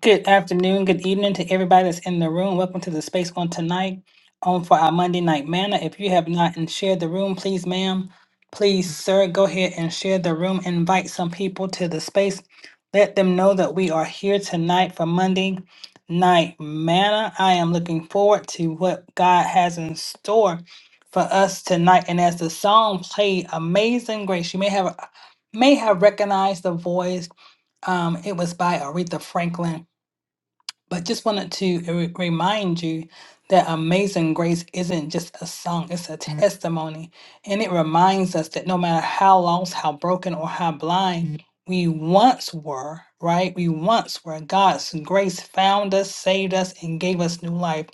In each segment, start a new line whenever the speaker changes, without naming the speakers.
Good afternoon, good evening to everybody that's in the room. Welcome to the space on tonight, on for our Monday night manna. If you have not and shared the room, please, ma'am, please, sir, go ahead and share the room. Invite some people to the space. Let them know that we are here tonight for Monday night manna. I am looking forward to what God has in store for us tonight. And as the song played, "Amazing Grace," you may have may have recognized the voice. Um, it was by Aretha Franklin but just wanted to re- remind you that Amazing Grace isn't just a song, it's a testimony. And it reminds us that no matter how lost, how broken, or how blind we once were, right? We once were. God's grace found us, saved us, and gave us new life.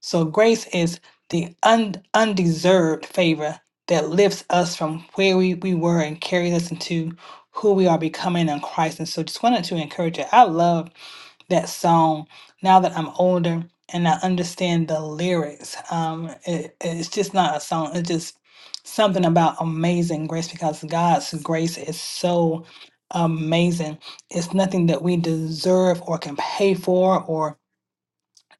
So grace is the un- undeserved favor that lifts us from where we, we were and carries us into who we are becoming in Christ. And so just wanted to encourage you. I love that song now that I'm older and I understand the lyrics. Um, it, it's just not a song. It's just something about amazing grace because God's grace is so amazing. It's nothing that we deserve or can pay for or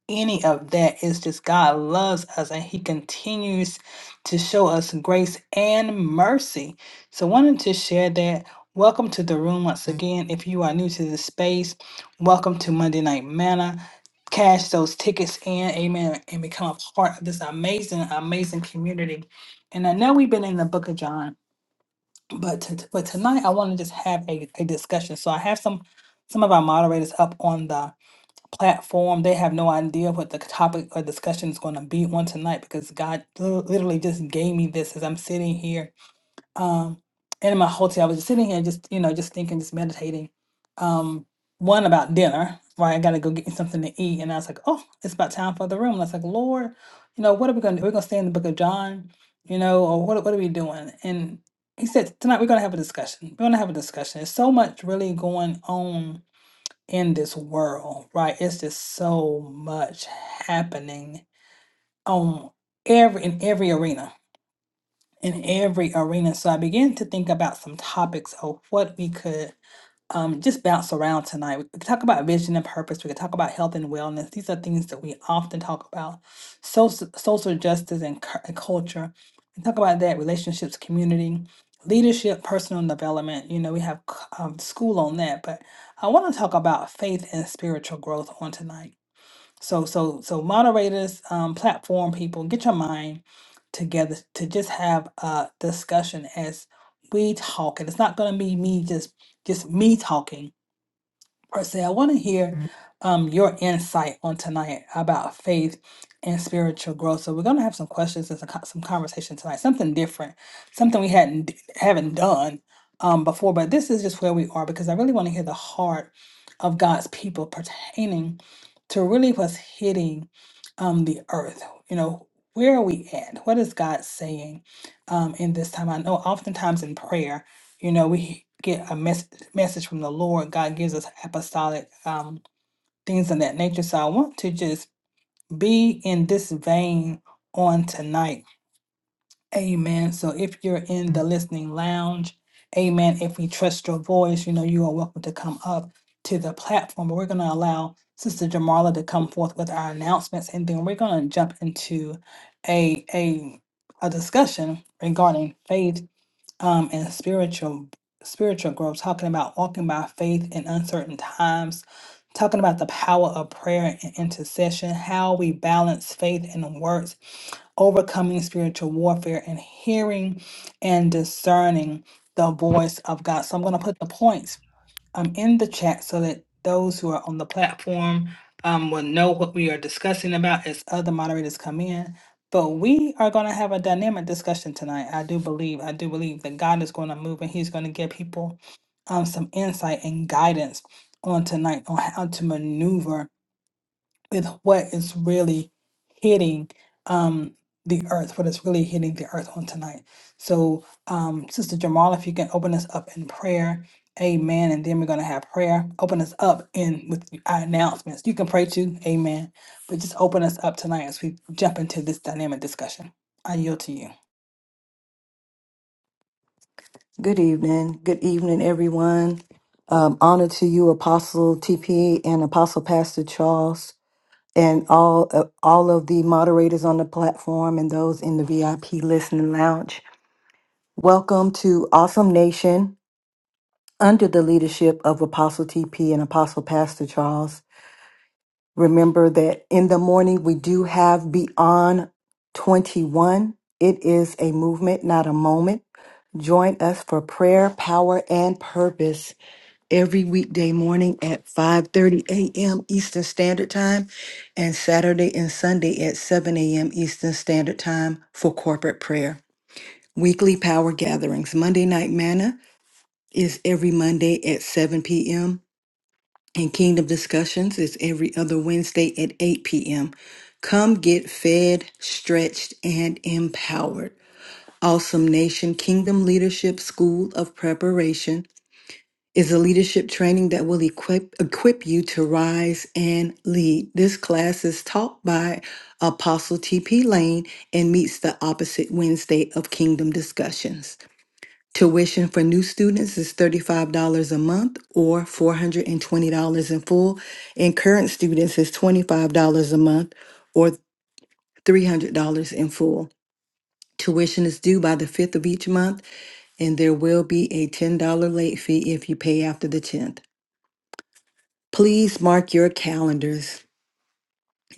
any of that. It's just God loves us and He continues to show us grace and mercy. So, wanted to share that. Welcome to the room once again. If you are new to the space, welcome to Monday Night Manna. Cash those tickets in, amen, and become a part of this amazing, amazing community. And I know we've been in the book of John, but to, but tonight I want to just have a, a discussion. So I have some some of our moderators up on the platform. They have no idea what the topic or discussion is going to be on tonight because God lit- literally just gave me this as I'm sitting here. Um, and in my hotel, I was just sitting here, just you know, just thinking, just meditating. Um, one about dinner, right? I got to go get me something to eat, and I was like, oh, it's about time for the room. And I was like, Lord, you know, what are we going to? do? We're going to stay in the Book of John, you know, or what? What are we doing? And he said, tonight we're going to have a discussion. We're going to have a discussion. There's so much really going on in this world, right? It's just so much happening on every in every arena, in every arena. So I began to think about some topics of what we could um, just bounce around tonight. We could talk about vision and purpose. We could talk about health and wellness. These are things that we often talk about. Social, social justice and, cu- and culture. We talk about that, relationships, community, leadership, personal development. You know, we have c- um, school on that, but I want to talk about faith and spiritual growth on tonight so so so moderators, um, platform people, get your mind together to just have a discussion as we talk. And it's not gonna be me just just me talking Percy, I want to hear um, your insight on tonight about faith and spiritual growth. So we're going to have some questions and some co- some conversation tonight, something different, something we hadn't d- haven't done um, before. But this is just where we are because I really want to hear the heart of God's people pertaining to really what's hitting um, the earth. You know, where are we at? What is God saying um, in this time? I know oftentimes in prayer you know we get a mess- message from the lord god gives us apostolic um, things of that nature so i want to just be in this vein on tonight amen so if you're in the listening lounge amen if we trust your voice you know you are welcome to come up to the platform but we're going to allow sister jamarla to come forth with our announcements and then we're going to jump into a a a discussion regarding faith um, and spiritual spiritual growth, talking about walking by faith in uncertain times, talking about the power of prayer and intercession, how we balance faith and works, overcoming spiritual warfare, and hearing and discerning the voice of God. So I'm going to put the points um, in the chat so that those who are on the platform um, will know what we are discussing about as other moderators come in. But we are going to have a dynamic discussion tonight. I do believe, I do believe that God is going to move and He's going to give people um, some insight and guidance on tonight on how to maneuver with what is really hitting um, the earth, what is really hitting the earth on tonight. So, um, Sister Jamal, if you can open us up in prayer, amen. And then we're going to have prayer. Open us up in with our announcements. You can pray too, amen. But just open us up tonight as we jump into this dynamic discussion. I yield to you.
Good evening. Good evening, everyone. Um, honor to you, Apostle TP and Apostle Pastor Charles, and all uh, all of the moderators on the platform and those in the VIP listening lounge. Welcome to Awesome Nation under the leadership of Apostle TP and Apostle Pastor Charles. Remember that in the morning we do have Beyond 21. It is a movement, not a moment. Join us for prayer, power, and purpose every weekday morning at 5:30 a.m. Eastern Standard Time and Saturday and Sunday at 7 a.m. Eastern Standard Time for corporate prayer. Weekly power gatherings. Monday Night Manna is every Monday at 7 p.m. and Kingdom Discussions is every other Wednesday at 8 p.m. Come get fed, stretched, and empowered. Awesome Nation Kingdom Leadership School of Preparation is a leadership training that will equip equip you to rise and lead. This class is taught by Apostle TP Lane and meets the opposite Wednesday of Kingdom Discussions. Tuition for new students is $35 a month or $420 in full, and current students is $25 a month or $300 in full. Tuition is due by the 5th of each month, and there will be a $10 late fee if you pay after the 10th. Please mark your calendars.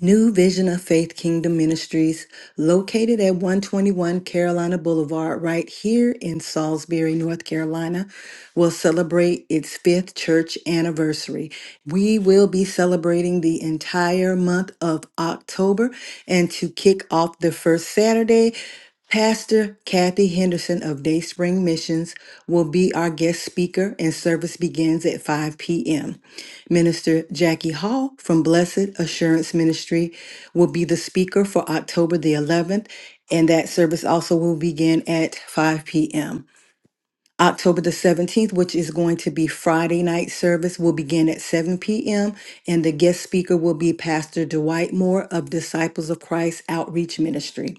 New Vision of Faith Kingdom Ministries, located at 121 Carolina Boulevard, right here in Salisbury, North Carolina, will celebrate its fifth church anniversary. We will be celebrating the entire month of October, and to kick off the first Saturday, Pastor Kathy Henderson of Dayspring Missions will be our guest speaker, and service begins at 5 p.m. Minister Jackie Hall from Blessed Assurance Ministry will be the speaker for October the 11th, and that service also will begin at 5 p.m. October the 17th, which is going to be Friday night service, will begin at 7 p.m. And the guest speaker will be Pastor Dwight Moore of Disciples of Christ Outreach Ministry.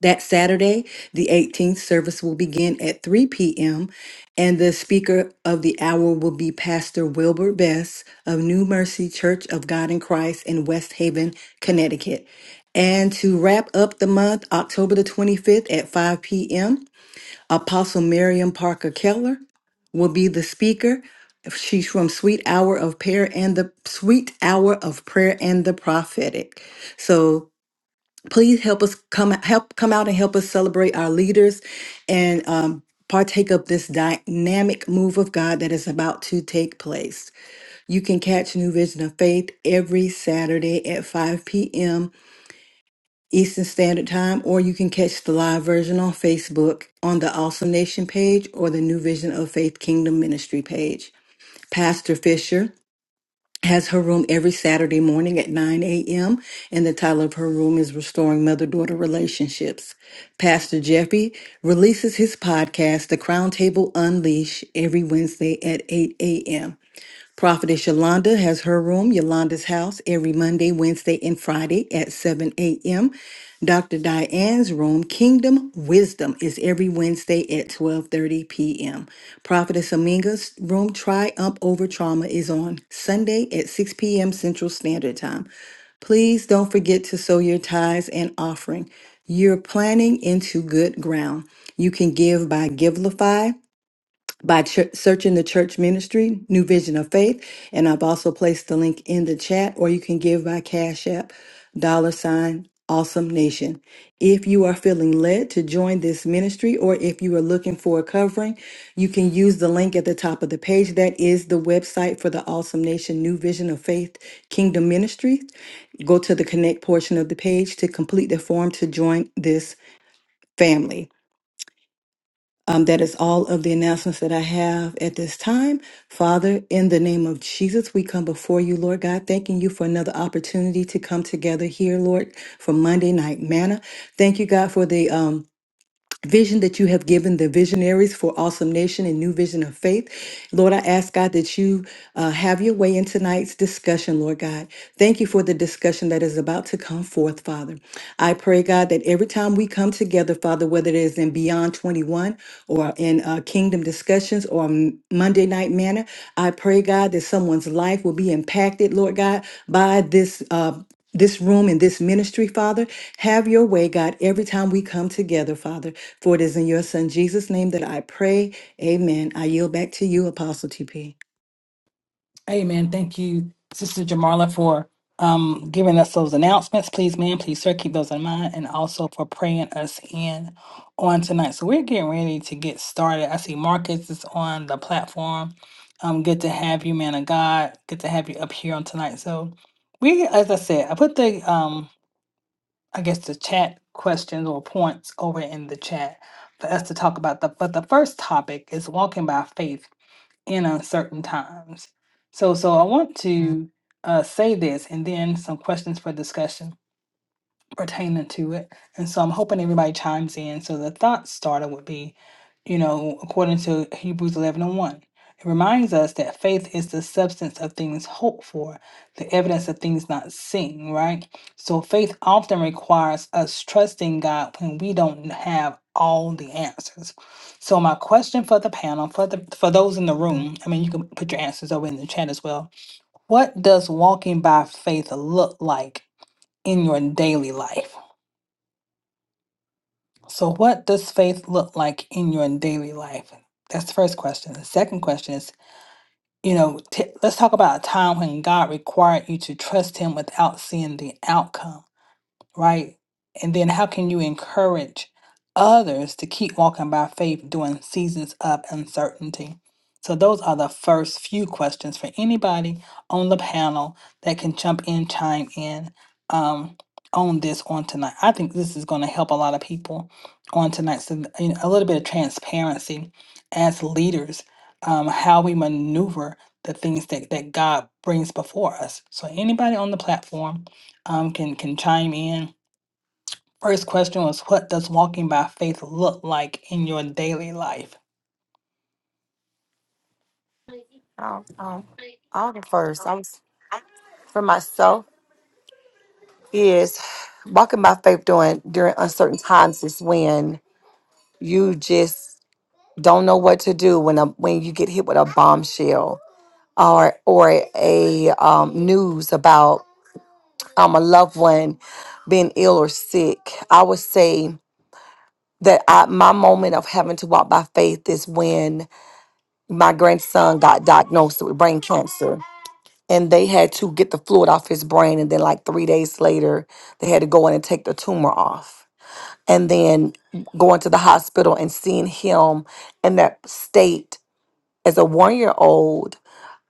That Saturday, the 18th, service will begin at 3 p.m., and the speaker of the hour will be Pastor Wilbur Bess of New Mercy Church of God in Christ in West Haven, Connecticut. And to wrap up the month, October the 25th at 5 p.m., Apostle Miriam Parker Keller will be the speaker. She's from Sweet Hour of Prayer and the Sweet Hour of Prayer and the Prophetic. So please help us come help come out and help us celebrate our leaders and um, partake of this dynamic move of god that is about to take place you can catch new vision of faith every saturday at 5 p.m eastern standard time or you can catch the live version on facebook on the awesome nation page or the new vision of faith kingdom ministry page pastor fisher has her room every Saturday morning at 9 a.m., and the title of her room is Restoring Mother Daughter Relationships. Pastor Jeffrey releases his podcast, The Crown Table Unleash, every Wednesday at 8 a.m. Prophetess Yolanda has her room, Yolanda's house, every Monday, Wednesday, and Friday at 7 a.m. Dr. Diane's room, Kingdom Wisdom, is every Wednesday at 12:30 p.m. Prophetess Aminga's room, Triumph Over Trauma, is on Sunday at 6 p.m. Central Standard Time. Please don't forget to sow your tithes and offering. You're planting into good ground. You can give by Givelify by ch- searching the church ministry, New Vision of Faith. And I've also placed the link in the chat, or you can give by Cash App, dollar sign, awesome nation. If you are feeling led to join this ministry, or if you are looking for a covering, you can use the link at the top of the page. That is the website for the Awesome Nation New Vision of Faith Kingdom Ministry. Go to the connect portion of the page to complete the form to join this family. Um, that is all of the announcements that I have at this time. Father, in the name of Jesus, we come before you, Lord God, thanking you for another opportunity to come together here, Lord, for Monday night manna. Thank you, God, for the um, vision that you have given the visionaries for Awesome Nation and New Vision of Faith. Lord, I ask God that you uh, have your way in tonight's discussion, Lord God. Thank you for the discussion that is about to come forth, Father. I pray, God, that every time we come together, Father, whether it is in Beyond 21 or in uh, Kingdom Discussions or M- Monday Night Manna, I pray, God, that someone's life will be impacted, Lord God, by this. Uh, this room and this ministry, Father. Have your way, God, every time we come together, Father. For it is in your Son, Jesus' name, that I pray. Amen. I yield back to you, Apostle TP.
Amen. Thank you, Sister Jamarla, for um, giving us those announcements. Please, ma'am, please, sir, keep those in mind and also for praying us in on tonight. So we're getting ready to get started. I see Marcus is on the platform. Um, good to have you, man of God. Good to have you up here on tonight. So we, as I said, I put the, um, I guess the chat questions or points over in the chat for us to talk about. The, but the first topic is walking by faith in uncertain times. So, so I want to uh, say this, and then some questions for discussion pertaining to it. And so I'm hoping everybody chimes in. So the thought starter would be, you know, according to Hebrews 11 and 1, it reminds us that faith is the substance of things hoped for, the evidence of things not seen, right? So faith often requires us trusting God when we don't have all the answers. So my question for the panel, for the for those in the room, I mean you can put your answers over in the chat as well. What does walking by faith look like in your daily life? So, what does faith look like in your daily life? That's the first question. The second question is, you know, t- let's talk about a time when God required you to trust Him without seeing the outcome right? And then how can you encourage others to keep walking by faith during seasons of uncertainty? So those are the first few questions for anybody on the panel that can jump in, chime in um, on this on tonight. I think this is going to help a lot of people on tonight. So you know, a little bit of transparency as leaders, um, how we maneuver the things that, that God brings before us. So anybody on the platform um, can can chime in First question was, what does walking by faith look like in your daily life?
Um, um, i first. I was for myself is walking by faith during during uncertain times is when you just don't know what to do when a, when you get hit with a bombshell or or a um, news about um, a loved one being ill or sick. I would say that I, my moment of having to walk by faith is when my grandson got diagnosed with brain cancer and they had to get the fluid off his brain and then like three days later they had to go in and take the tumor off and then going to the hospital and seeing him in that state as a one year old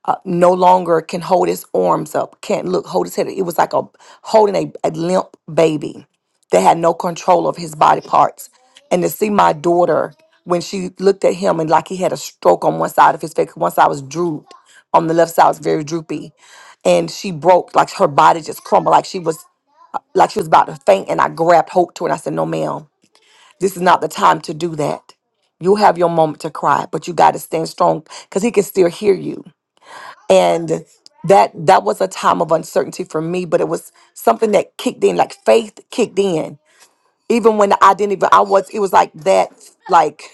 uh, no longer can hold his arms up, can't look, hold his head. It was like a holding a, a limp baby that had no control of his body parts. And to see my daughter when she looked at him and like he had a stroke on one side of his face, one side was drooped, on the left side was very droopy, and she broke like her body just crumbled, like she was like she was about to faint. And I grabbed hope to her and I said, "No, ma'am, this is not the time to do that." You'll have your moment to cry, but you got to stand strong because he can still hear you and that that was a time of uncertainty for me but it was something that kicked in like faith kicked in even when i didn't even i was it was like that like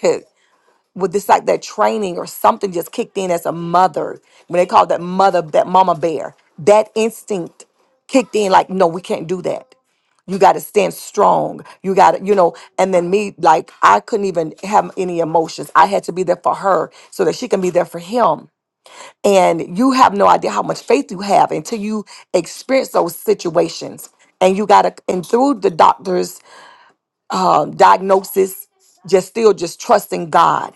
with this like that training or something just kicked in as a mother when they called that mother that mama bear that instinct kicked in like no we can't do that you got to stand strong you got to you know and then me like i couldn't even have any emotions i had to be there for her so that she can be there for him and you have no idea how much faith you have until you experience those situations and you gotta and through the doctor's um, diagnosis just still just trusting god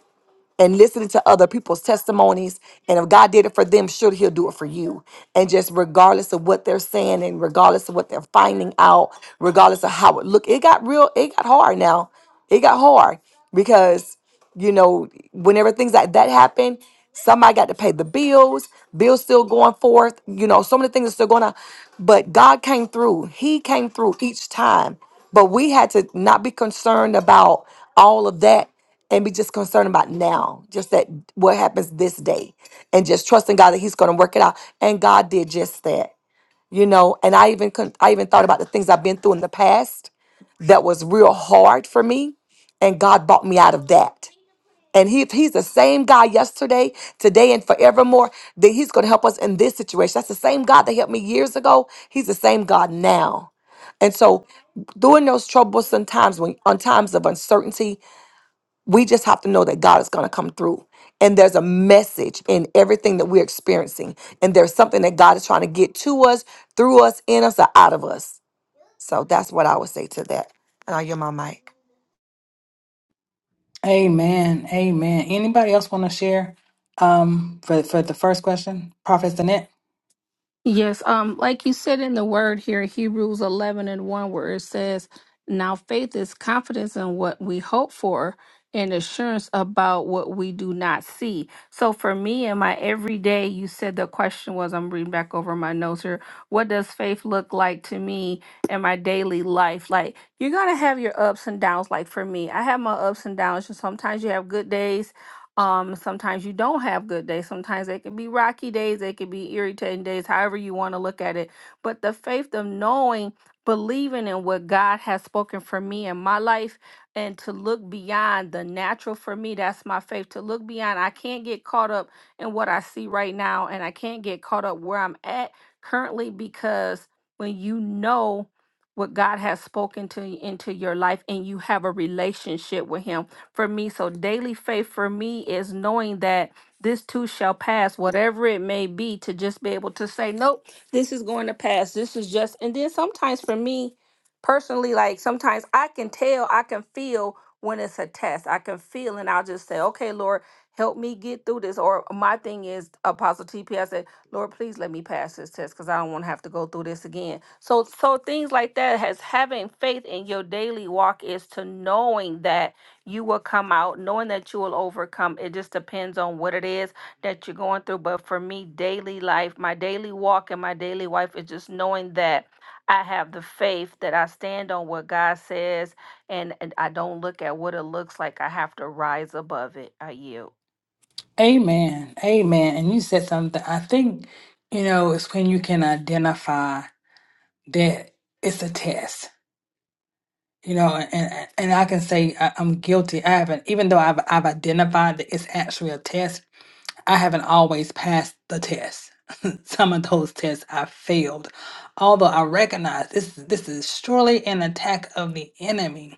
and listening to other people's testimonies. And if God did it for them, sure He'll do it for you. And just regardless of what they're saying and regardless of what they're finding out, regardless of how it look, it got real, it got hard now. It got hard because, you know, whenever things like that happen, somebody got to pay the bills, bills still going forth, you know, so many things are still going on. But God came through. He came through each time. But we had to not be concerned about all of that and be just concerned about now, just that what happens this day, and just trusting God that He's going to work it out. And God did just that, you know. And I even con- I even thought about the things I've been through in the past that was real hard for me, and God brought me out of that. And he, if he's the same God yesterday, today, and forevermore, then he's going to help us in this situation. That's the same God that helped me years ago. He's the same God now. And so during those troublesome times when on times of uncertainty we just have to know that God is going to come through. And there's a message in everything that we're experiencing. And there's something that God is trying to get to us, through us, in us, or out of us. So that's what I would say to that. And I hear my mic.
Amen. Amen. Anybody else want to share um, for, for the first question? Prophet Danette?
Yes, um, like you said in the word here, Hebrews 11 and 1, where it says, Now faith is confidence in what we hope for and assurance about what we do not see. So for me in my everyday, you said the question was, I'm reading back over my notes here, what does faith look like to me in my daily life? Like, you're going to have your ups and downs. Like for me, I have my ups and downs. And sometimes you have good days um, sometimes you don't have good days. Sometimes they can be rocky days, they could be irritating days, however you want to look at it. But the faith of knowing, believing in what God has spoken for me in my life, and to look beyond the natural for me, that's my faith. To look beyond, I can't get caught up in what I see right now, and I can't get caught up where I'm at currently because when you know what God has spoken to into your life and you have a relationship with him for me. So daily faith for me is knowing that this too shall pass, whatever it may be, to just be able to say, nope, this is going to pass. This is just, and then sometimes for me personally, like sometimes I can tell, I can feel when it's a test. I can feel, and I'll just say, okay, Lord, help me get through this. Or my thing is, Apostle TP, I said, Lord, please let me pass this test because I don't want to have to go through this again. So, so things like that has having faith in your daily walk is to knowing that you will come out knowing that you will overcome. It just depends on what it is that you're going through. But for me, daily life, my daily walk and my daily life is just knowing that I have the faith that I stand on what God says and, and I don't look at what it looks like. I have to rise above it. I yield.
Amen. Amen. And you said something. I think, you know, it's when you can identify that it's a test. You know, and and I can say I- I'm guilty. I haven't, even though I've I've identified that it's actually a test. I haven't always passed the test. Some of those tests I failed, although I recognize this this is surely an attack of the enemy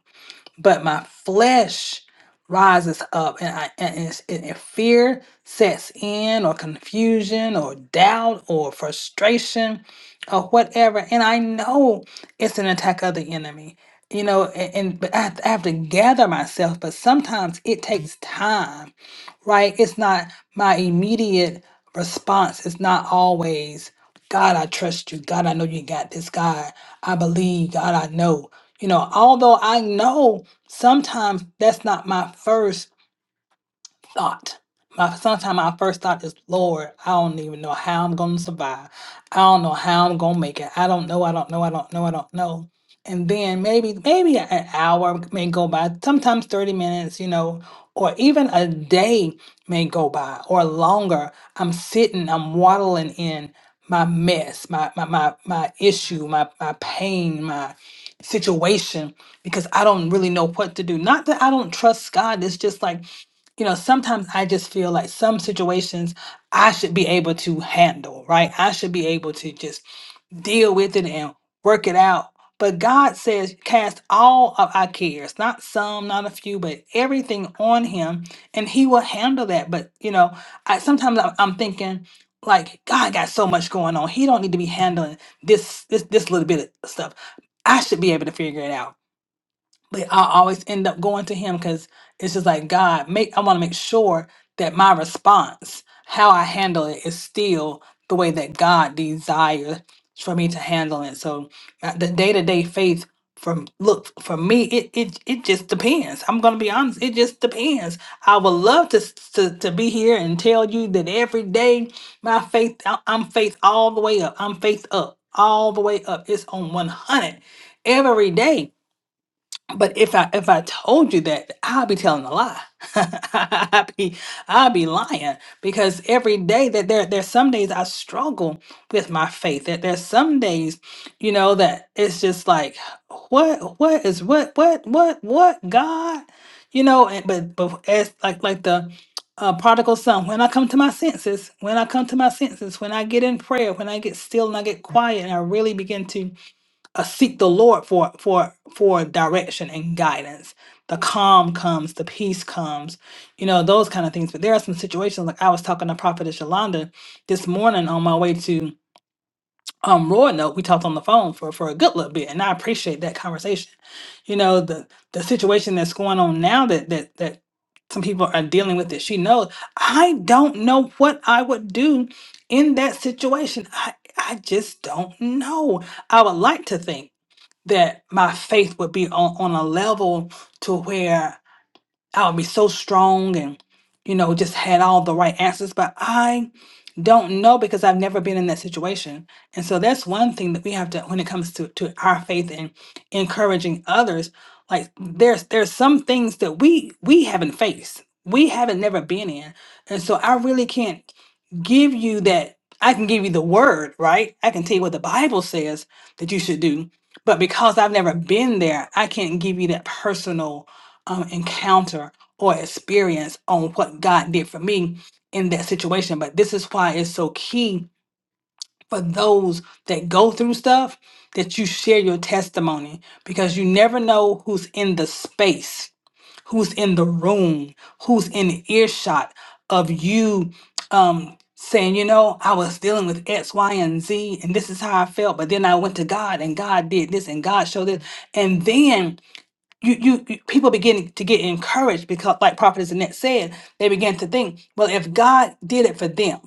but my flesh rises up and I and, it's- and if fear sets in or confusion or doubt or frustration or whatever and I know it's an attack of the enemy you know and, and but I have, to, I have to gather myself but sometimes it takes time right it's not my immediate response it's not always God I trust you God I know you got this God I believe God I know you know although I know sometimes that's not my first thought. My sometimes my first thought is, Lord, I don't even know how I'm gonna survive. I don't know how I'm gonna make it. I don't know, I don't know, I don't know, I don't know. And then maybe maybe an hour may go by, sometimes 30 minutes, you know, or even a day may go by or longer. I'm sitting, I'm waddling in my mess, my my my, my issue, my my pain, my situation, because I don't really know what to do. Not that I don't trust God. It's just like you know, sometimes I just feel like some situations I should be able to handle, right? I should be able to just deal with it and work it out. But God says, cast all of our cares, not some, not a few, but everything on Him, and He will handle that. But, you know, I sometimes I'm, I'm thinking, like, God got so much going on. He don't need to be handling this, this, this little bit of stuff. I should be able to figure it out but I always end up going to him because it's just like God make I want to make sure that my response, how I handle it, is still the way that God desires for me to handle it. So uh, the day to day faith from look for me it, it it just depends i'm gonna be honest it just depends i would love to, s- to to be here and tell you that every day my faith I- i'm faith all the way up i'm faith up all the way up it's on 100 every day but if I if I told you that, I'll be telling a lie. I'll be I'll be lying because every day that there there's some days I struggle with my faith. That there's some days, you know, that it's just like what what is what what what what God, you know. And, but but as like like the uh, prodigal son, when I come to my senses, when I come to my senses, when I get in prayer, when I get still and I get quiet, and I really begin to uh, seek the Lord for for for direction and guidance. The calm comes, the peace comes, you know those kind of things. But there are some situations like I was talking to Prophetess Yolanda this morning on my way to um Roanoke. We talked on the phone for for a good little bit, and I appreciate that conversation. You know the the situation that's going on now that that that some people are dealing with that she knows. I don't know what I would do in that situation. I I just don't know. I would like to think that my faith would be on, on a level to where I would be so strong and, you know, just had all the right answers. But I don't know because I've never been in that situation. And so that's one thing that we have to when it comes to, to our faith and encouraging others, like there's there's some things that we we haven't faced. We haven't never been in. And so I really can't give you that I can give you the word, right? I can tell you what the Bible says that you should do. But because I've never been there, I can't give you that personal um, encounter or experience on what God did for me in that situation. But this is why it's so key for those that go through stuff that you share your testimony because you never know who's in the space, who's in the room, who's in earshot of you um saying, you know, I was dealing with X, Y, and Z, and this is how I felt. But then I went to God and God did this and God showed this. And then you, you, you people begin to get encouraged because like prophetess annette said they begin to think well if god did it for them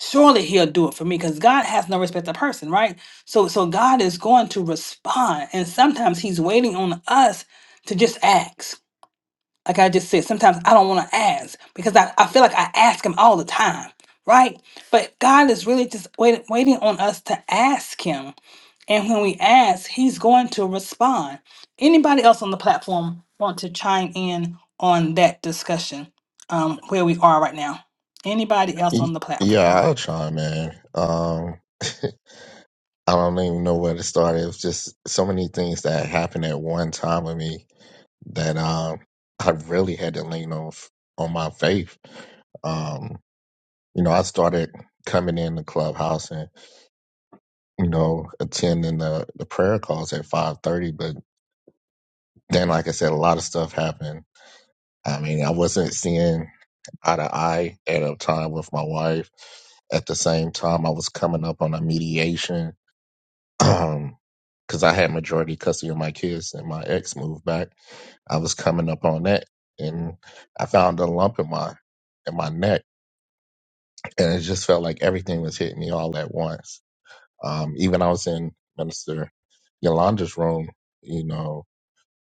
surely he'll do it for me because god has no respect to person right so so god is going to respond and sometimes he's waiting on us to just ask like i just said sometimes i don't want to ask because I, I feel like i ask him all the time right but god is really just waiting waiting on us to ask him and when we ask, he's going to respond. Anybody else on the platform want to chime in on that discussion um, where we are right now? Anybody else
Y-
on the
Yeah,
platform?
I'll try, man. Um, I don't even know where to start. It was just so many things that happened at one time with me that um, I really had to lean on f- on my faith. Um, you know, I started coming in the clubhouse and you know attending the the prayer calls at five thirty. But then, like I said, a lot of stuff happened. I mean, I wasn't seeing eye to eye at a time with my wife. At the same time, I was coming up on a mediation um because i had majority custody of my kids and my ex moved back i was coming up on that and i found a lump in my in my neck and it just felt like everything was hitting me all at once um even i was in minister yolanda's room you know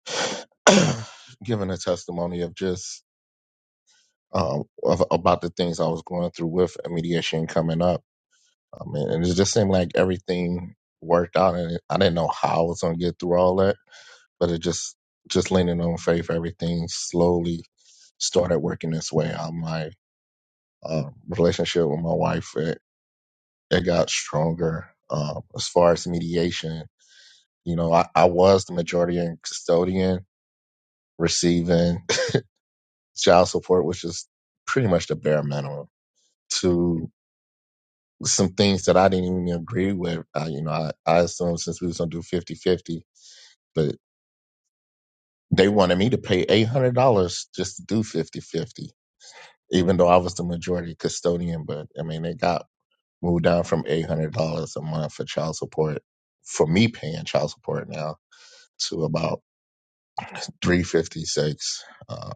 giving a testimony of just um of, about the things i was going through with mediation coming up i mean and it just seemed like everything worked out and i didn't know how i was going to get through all that but it just just leaning on faith everything slowly started working its way out my uh, relationship with my wife it, it got stronger um, as far as mediation you know I, I was the majority and custodian receiving child support which is pretty much the bare minimum to some things that i didn't even agree with uh, you know I, I assumed since we was going to do fifty fifty, but they wanted me to pay $800 just to do fifty fifty. even though I was the majority custodian, but I mean, it got moved down from eight hundred dollars a month for child support for me paying child support now to about three fifty six. Uh,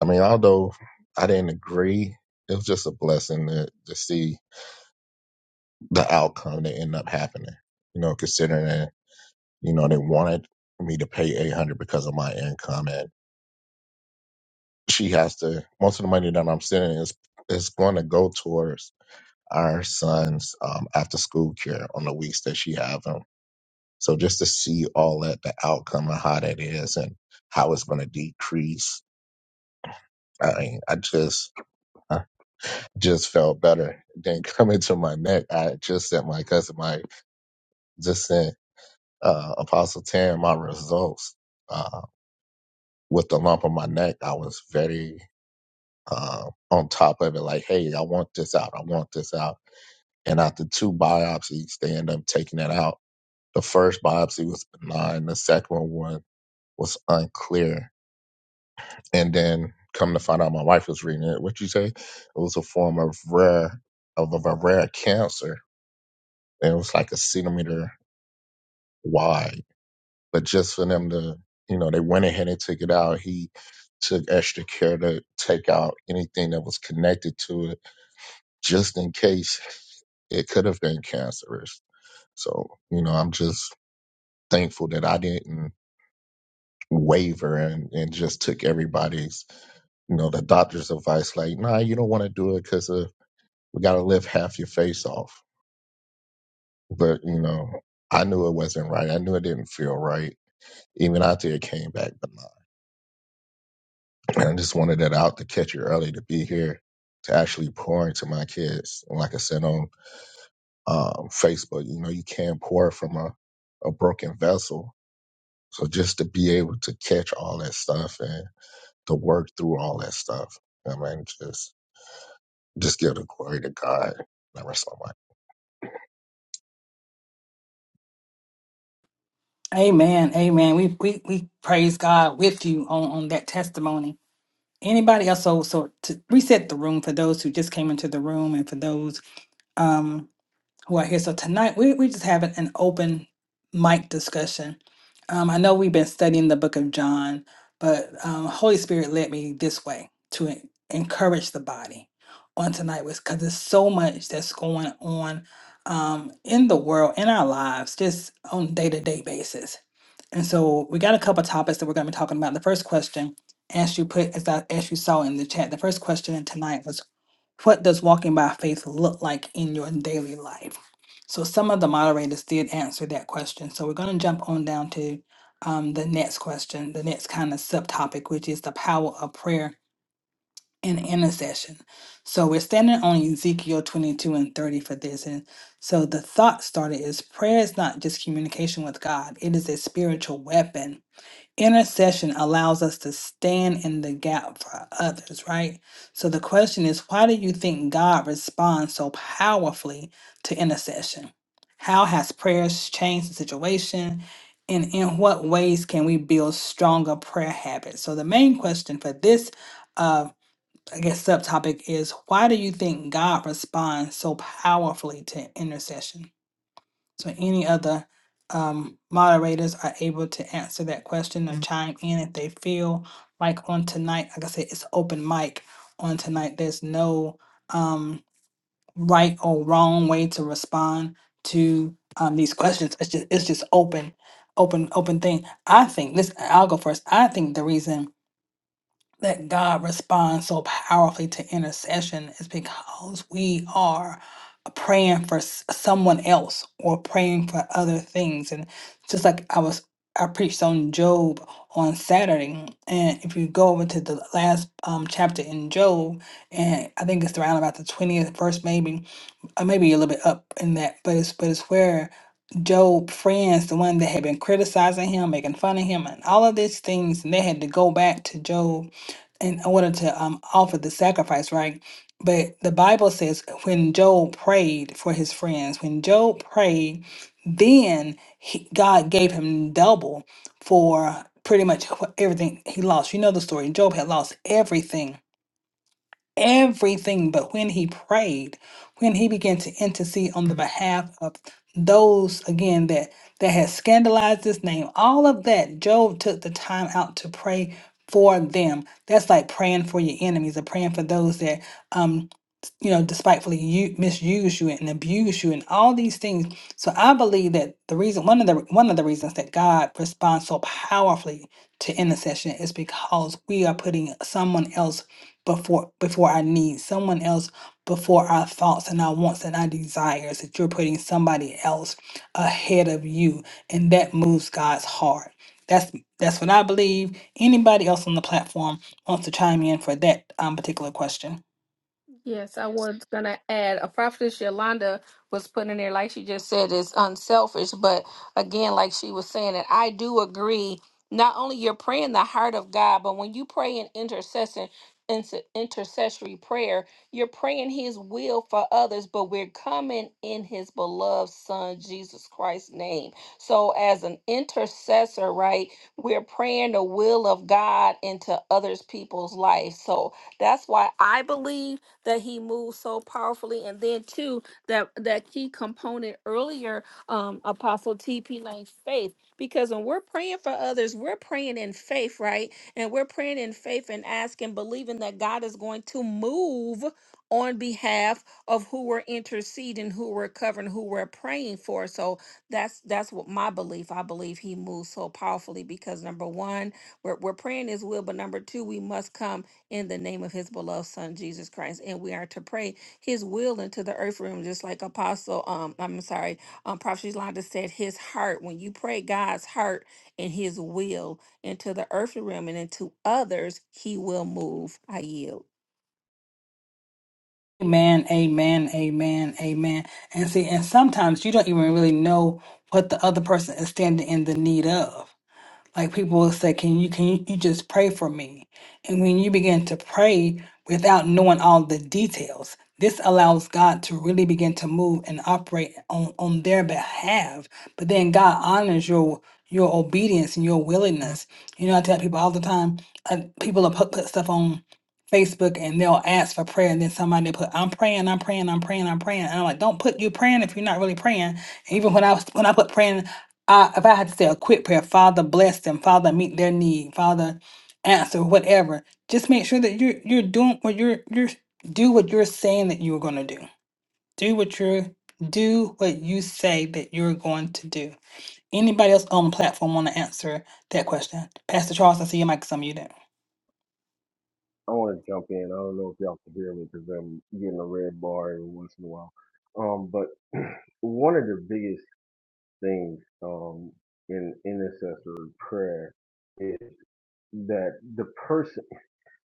I mean, although I didn't agree, it was just a blessing to, to see the outcome that ended up happening. You know, considering that you know they wanted me to pay eight hundred because of my income, and she has to most of the money that I'm sending is is going to go towards our son's um, after school care on the weeks that she have him. So just to see all that, the outcome and how that is and how it's going to decrease. I mean, I just, I just felt better than coming to my neck. I just sent my cousin, my, just sent, uh, Apostle Tan my results, uh, with the lump on my neck. I was very, uh, on top of it. Like, Hey, I want this out. I want this out. And after two biopsies, they end up taking it out The first biopsy was benign. The second one was unclear. And then come to find out, my wife was reading it. What you say? It was a form of rare of, of a rare cancer, and it was like a centimeter wide. But just for them to, you know, they went ahead and took it out. He took extra care to take out anything that was connected to it, just in case it could have been cancerous. So, you know, I'm just thankful that I didn't waver and, and just took everybody's, you know, the doctor's advice, like, nah, you don't want to do it because uh, we got to lift half your face off. But, you know, I knew it wasn't right. I knew it didn't feel right. Even after it came back benign. And I just wanted it out to catch it early to be here to actually pour into my kids. And like I said on um, Facebook, you know, you can't pour from a, a broken vessel. So just to be able to catch all that stuff and to work through all that stuff. I mean, just Just give the glory to God. I rest my mind.
Amen. Amen. We we, we praise God with you on, on that testimony. Anybody else? So so to reset the room for those who just came into the room and for those um, who are here. So tonight we, we're just having an open mic discussion. Um, I know we've been studying the book of John, but um, Holy Spirit led me this way to en- encourage the body on tonight was because there's so much that's going on um, in the world, in our lives, just on day to day basis and so we got a couple topics that we're going to be talking about. The first question, as you put, as I, as you saw in the chat, the first question tonight was, what does walking by faith look like in your daily life? So some of the moderators did answer that question. So we're going to jump on down to um, the next question, the next kind of subtopic, which is the power of prayer and intercession. So we're standing on Ezekiel 22 and 30 for this. And so the thought started is prayer is not just communication with God, it is a spiritual weapon Intercession allows us to stand in the gap for others, right? So the question is, why do you think God responds so powerfully to intercession? How has prayers changed the situation? And in what ways can we build stronger prayer habits? So the main question for this, uh, I guess, subtopic is, why do you think God responds so powerfully to intercession? So any of the um, moderators are able to answer that question or chime in if they feel like on tonight. Like I said, it's open mic on tonight. There's no um, right or wrong way to respond to um, these questions. It's just it's just open, open, open thing. I think this. I'll go first. I think the reason that God responds so powerfully to intercession is because we are praying for s- someone else or praying for other things. And just like I was, I preached on Job on Saturday. And if you go over to the last um, chapter in Job, and I think it's around about the 20th verse, maybe, or maybe a little bit up in that, but it's but it's where Job friends, the one that had been criticizing him, making fun of him, and all of these things, and they had to go back to Job in order to um offer the sacrifice, right? But the Bible says when Job prayed for his friends, when Job prayed, then he, God gave him double for pretty much wh- everything he lost. You know the story. Job had lost everything everything. But when he prayed, when he began to intercede on the behalf of those again that that had scandalized his name, all of that, Job took the time out to pray for them. That's like praying for your enemies or praying for those that um you know, despitefully you misuse you and abuse you and all these things. So I believe that the reason one of the one of the reasons that God responds so powerfully to intercession is because we are putting someone else before before our needs, someone else before our thoughts and our wants and our desires, that you're putting somebody else ahead of you. And that moves God's heart. That's that's what I believe. Anybody else on the platform wants to chime in for that um, particular question?
Yes, I was gonna add a prophetess Yolanda was putting in there, like she just said, is unselfish. But again, like she was saying, and I do agree. Not only you're praying the heart of God, but when you pray in intercession, inter- intercessory prayer, you're praying His will for others. But we're coming in His beloved Son Jesus Christ's name. So as an intercessor, right, we're praying the will of God into others people's life. So that's why I believe that he moved so powerfully. And then too, that that key component earlier, um, Apostle TP Lane faith. Because when we're praying for others, we're praying in faith, right? And we're praying in faith and asking, believing that God is going to move on behalf of who we're interceding, who we're covering, who we're praying for. So that's that's what my belief. I believe he moves so powerfully because number one, we're, we're praying his will, but number two, we must come in the name of his beloved son Jesus Christ. And we are to pray his will into the earth realm, just like Apostle, um, I'm sorry, um, Prophet Yolanda said, his heart. When you pray God's heart and his will into the earth realm and into others, he will move. I yield.
Amen, amen, amen, amen. And see, and sometimes you don't even really know what the other person is standing in the need of. Like people will say, "Can you can you, you just pray for me?" And when you begin to pray without knowing all the details, this allows God to really begin to move and operate on on their behalf. But then God honors your your obedience and your willingness. You know, I tell people all the time, uh, people will put, put stuff on Facebook and they'll ask for prayer, and then somebody put, "I'm praying, I'm praying, I'm praying, I'm praying," and I'm like, "Don't put you praying if you're not really praying." And even when I was when I put praying. I, if I had to say a quick prayer, Father bless them, Father meet their need, Father answer whatever. Just make sure that you're you're doing what you're you're do what you're saying that you are going to do. Do what you're do what you say that you're going to do. Anybody else on the platform want to answer that question? Pastor Charles, I see your mic is unmuted.
I want to jump in. I don't know if y'all can hear me because I'm getting a red bar every once in a while. Um, but one of the biggest things um, in intercessory prayer is that the person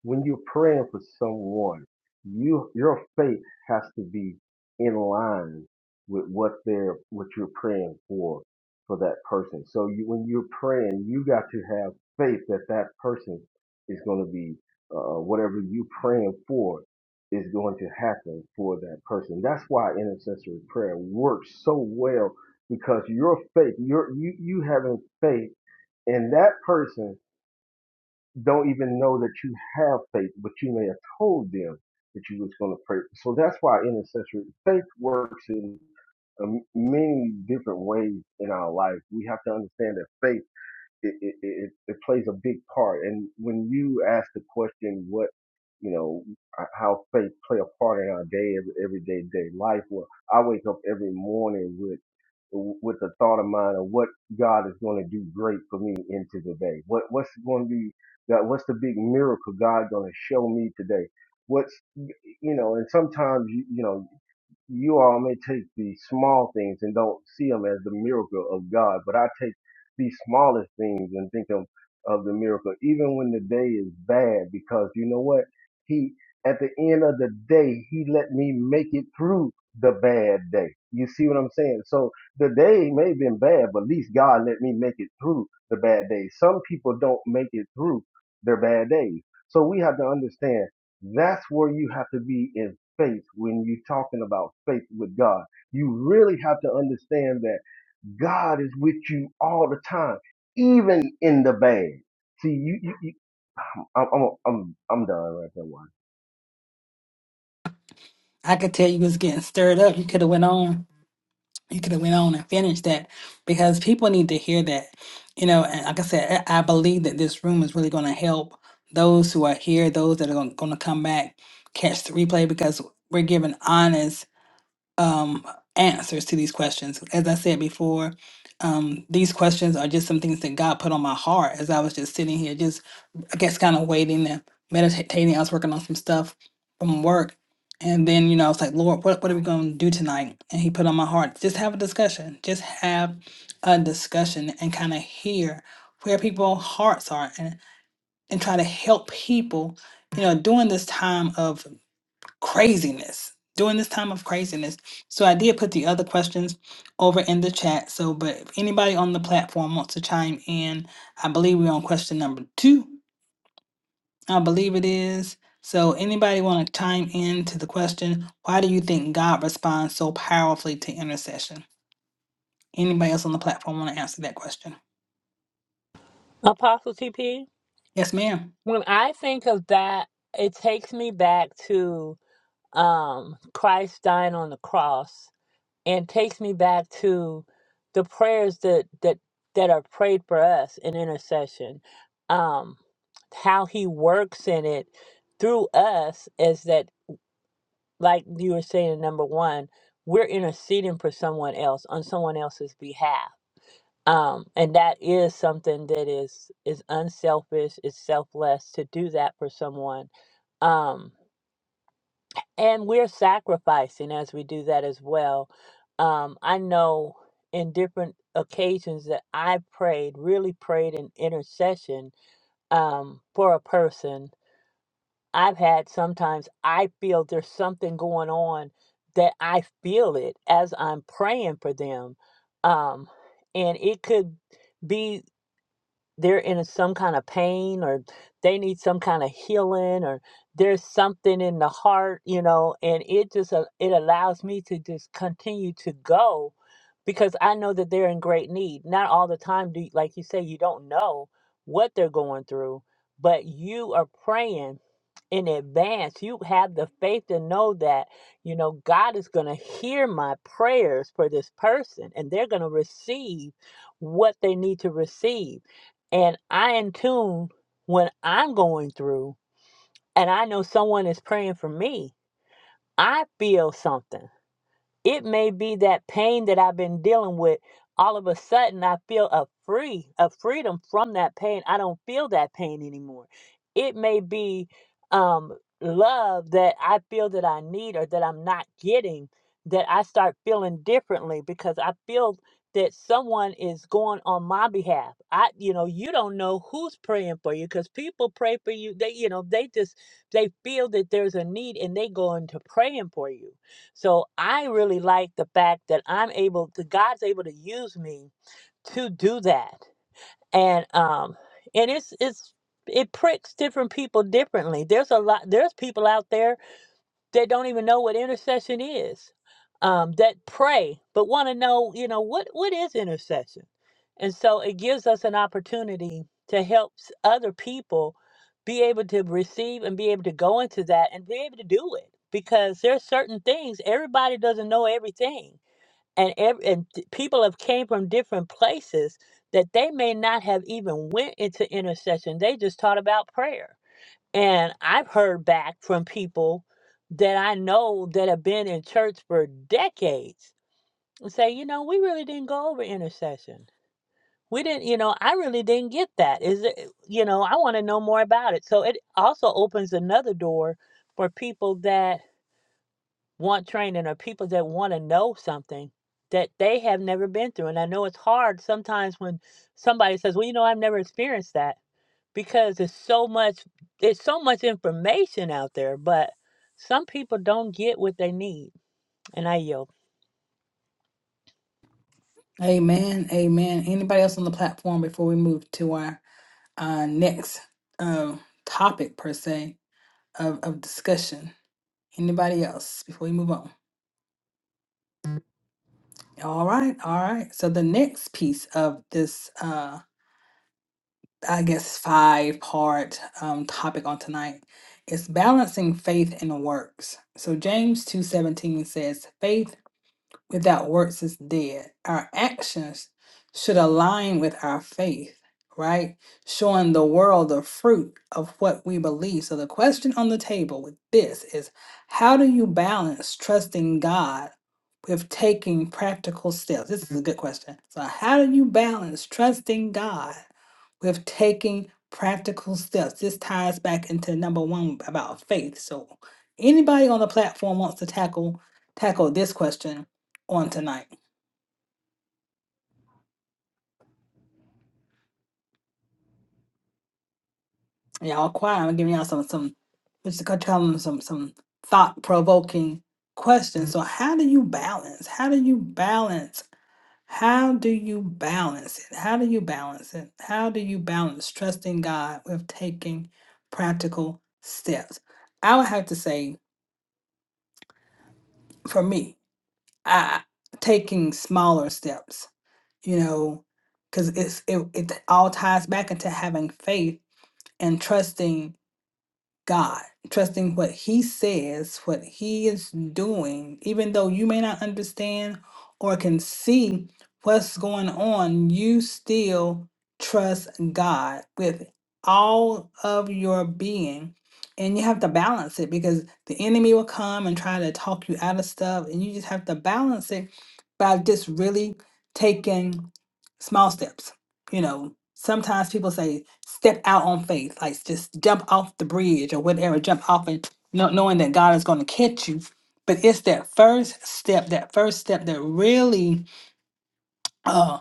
when you're praying for someone, you your faith has to be in line with what they're what you're praying for for that person. So you, when you're praying, you got to have faith that that person is going to be uh, whatever you praying for is going to happen for that person. That's why intercessory prayer works so well because your faith, your you you having faith in that person don't even know that you have faith, but you may have told them that you was going to pray. So that's why intercessory faith works in um, many different ways in our life. We have to understand that faith it, it, it, it plays a big part. And when you ask the question, what, you know, how faith play a part in our day, everyday day life, well, I wake up every morning with, with the thought of mine of what God is going to do great for me into the day. What, what's going to be, God, what's the big miracle God going to show me today? What's, you know, and sometimes, you, you know, you all may take the small things and don't see them as the miracle of God, but I take these smallest things and think of, of the miracle, even when the day is bad, because you know what? He, at the end of the day, he let me make it through the bad day. You see what I'm saying? So the day may have been bad, but at least God let me make it through the bad day. Some people don't make it through their bad days. So we have to understand that's where you have to be faith when you're talking about faith with God. You really have to understand that God is with you all the time, even in the bad. See, you, you, you I'm, I'm, I'm, I'm done right there. Wanda.
I could tell you was getting stirred up. You could have went on. You could have went on and finished that because people need to hear that. You know, and like I said, I I believe that this room is really going to help those who are here, those that are going to come back, catch the replay because we're giving honest um, answers to these questions. As I said before, um, these questions are just some things that God put on my heart as I was just sitting here, just I guess kind of waiting and meditating. I was working on some stuff from work. And then, you know, I was like, Lord, what, what are we going to do tonight? And he put on my heart, just have a discussion. Just have a discussion and kind of hear where people's hearts are and, and try to help people, you know, during this time of craziness during this time of craziness. So I did put the other questions over in the chat. So, but if anybody on the platform wants to chime in, I believe we're on question number two. I believe it is. So, anybody want to chime in to the question, why do you think God responds so powerfully to intercession? Anybody else on the platform want to answer that question?
Apostle TP,
Yes, ma'am.
when I think of that, it takes me back to um, Christ dying on the cross and takes me back to the prayers that, that, that are prayed for us in intercession, um, how he works in it through us is that, like you were saying, number one, we're interceding for someone else on someone else's behalf um, and that is something that is is unselfish is selfless to do that for someone um, and we're sacrificing as we do that as well um, i know in different occasions that i prayed really prayed in intercession um, for a person i've had sometimes i feel there's something going on that i feel it as i'm praying for them um, and it could be. they're in some kind of pain or they need some kind of healing or there's something in the heart you know and it just a- it allows me to just continue to go because i know that they're in great need not all the time do you, like you say you don't know what they're going through but you are praying in advance. You have the faith to know that, you know, God is going to hear my prayers for this person and they're going to receive what they need to receive. And I in tune when I'm going through and I know someone is praying for me, I feel something. It may be that pain that I've been dealing with. All of a sudden, I feel a free, a freedom from that pain. I don't feel that pain anymore. It may be um, love that I feel that I need or that I'm not getting. That I start feeling differently because I feel that someone is going on my behalf. I, you know, you don't know who's praying for you because people pray for you. They, you know, they just they feel that there's a need and they go into praying for you so I really like the fact that I'm able, that God's able to use me to do that, and um, and it's it's it pricks different people differently. There's a lot. There's people out there that don't even know what intercession is um, that pray but want to know you know what what is intercession and so it gives us an opportunity to help s- other people be able to receive and be able to go into that and be able to do it because there's certain things everybody doesn't know everything and ev- and t- people have came from different places that they may not have even went into intercession they just taught about prayer and I've heard back from people that I know that have been in church for decades and say, you know, we really didn't go over intercession. We didn't, you know, I really didn't get that. Is it, you know, I want to know more about it. So it also opens another door for people that want training or people that want to know something that they have never been through. And I know it's hard sometimes when somebody says, well, you know, I've never experienced that because it's so much it's so much information out there but some people don't get what they need and i yield
Amen. Amen. Anybody else on the platform before we move to our uh, next uh, topic, per se? of, of discussion. Anybody else before we move on? All right, all right. So the next piece of this, uh, I guess, five part um, topic on tonight is balancing faith and works. So James two seventeen says, "Faith." without works is dead. Our actions should align with our faith, right? Showing the world the fruit of what we believe. So the question on the table with this is how do you balance trusting God with taking practical steps? This is a good question. So how do you balance trusting God with taking practical steps? This ties back into number one about faith. So anybody on the platform wants to tackle tackle this question on tonight. Y'all quiet. I'm giving y'all some some just to tell them some some thought provoking questions. So how do you balance? How do you balance? How do you balance it? How do you balance it? How do you balance trusting God with taking practical steps? I would have to say for me, I taking smaller steps, you know, because it's it, it all ties back into having faith and trusting God, trusting what He says, what He is doing, even though you may not understand or can see what's going on, you still trust God with all of your being. And you have to balance it because the enemy will come and try to talk you out of stuff. And you just have to balance it by just really taking small steps you know, sometimes people say step out on faith, like just jump off the bridge or whatever, jump off and not knowing that God is going to catch you. But it's that first step, that first step that really uh,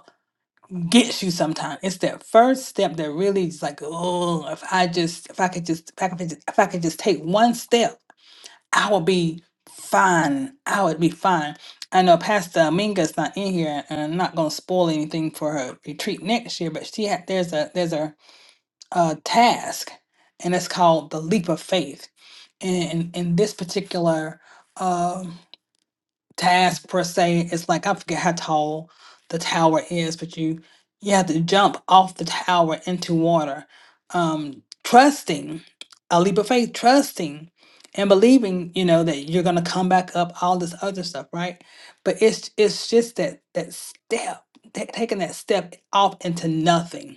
gets you sometimes. It's that first step that really is like, oh, if I just, if I could just, if I could just, if I could just take one step, I would be fine. I would be fine. I know Pastor Aminga's not in here, and I'm not gonna spoil anything for her retreat next year. But she had there's a there's a uh, task, and it's called the leap of faith. And in this particular um task per se, it's like I forget how tall the tower is, but you you have to jump off the tower into water, um, trusting a leap of faith, trusting and believing, you know, that you're gonna come back up. All this other stuff, right? But it's it's just that that step, ta- taking that step off into nothing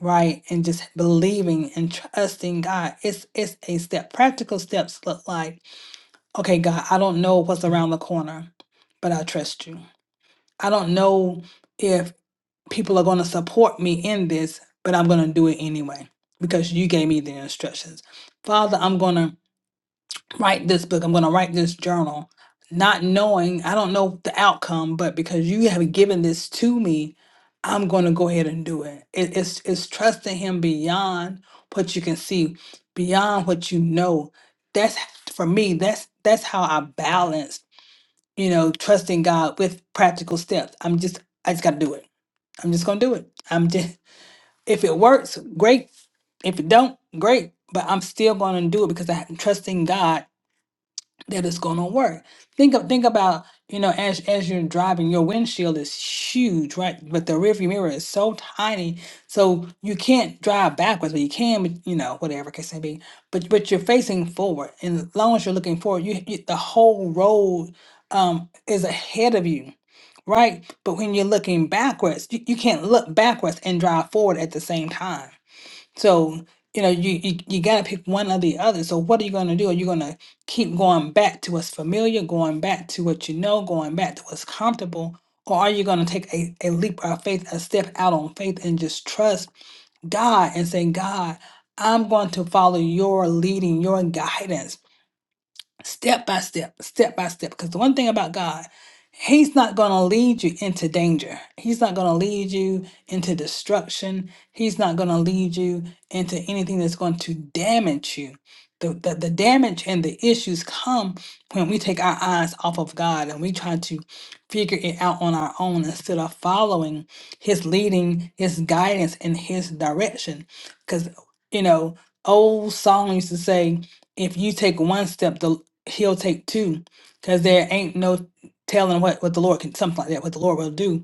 right and just believing and trusting god it's it's a step practical steps look like okay god i don't know what's around the corner but i trust you i don't know if people are going to support me in this but i'm going to do it anyway because you gave me the instructions father i'm going to write this book, I'm going to write this journal, not knowing, I don't know the outcome, but because you have given this to me, I'm going to go ahead and do it. it it's, it's trusting Him beyond what you can see, beyond what you know. That's for me, that's that's how I balance, you know, trusting God with practical steps. I'm just, I just got to do it. I'm just going to do it. I'm just, if it works, great. If it don't, great. But I'm still going to do it because I'm trusting God that is going to work. Think of think about you know as as you're driving, your windshield is huge, right? But the rearview mirror is so tiny, so you can't drive backwards, but you can, but, you know, whatever case may be. But but you're facing forward, and as long as you're looking forward, you, you the whole road um is ahead of you. Right, but when you're looking backwards, you, you can't look backwards and drive forward at the same time so, you know, you, you you gotta pick one or the other. So what are you gonna do? Are you gonna keep going back to what's familiar, going back to what you know, going back to what's comfortable? Or are you gonna take a, a leap of faith, a step out on faith and just trust God and say, God, I'm going to follow your leading, your guidance step by step, step by step. Because the one thing about God, He's not going to lead you into danger. He's not going to lead you into destruction. He's not going to lead you into anything that's going to damage you. The, the, the damage and the issues come when we take our eyes off of God and we try to figure it out on our own instead of following His leading, His guidance, and His direction. Because, you know, old song used to say, if you take one step, the he'll take two because there ain't no telling what, what the Lord can something like that what the Lord will do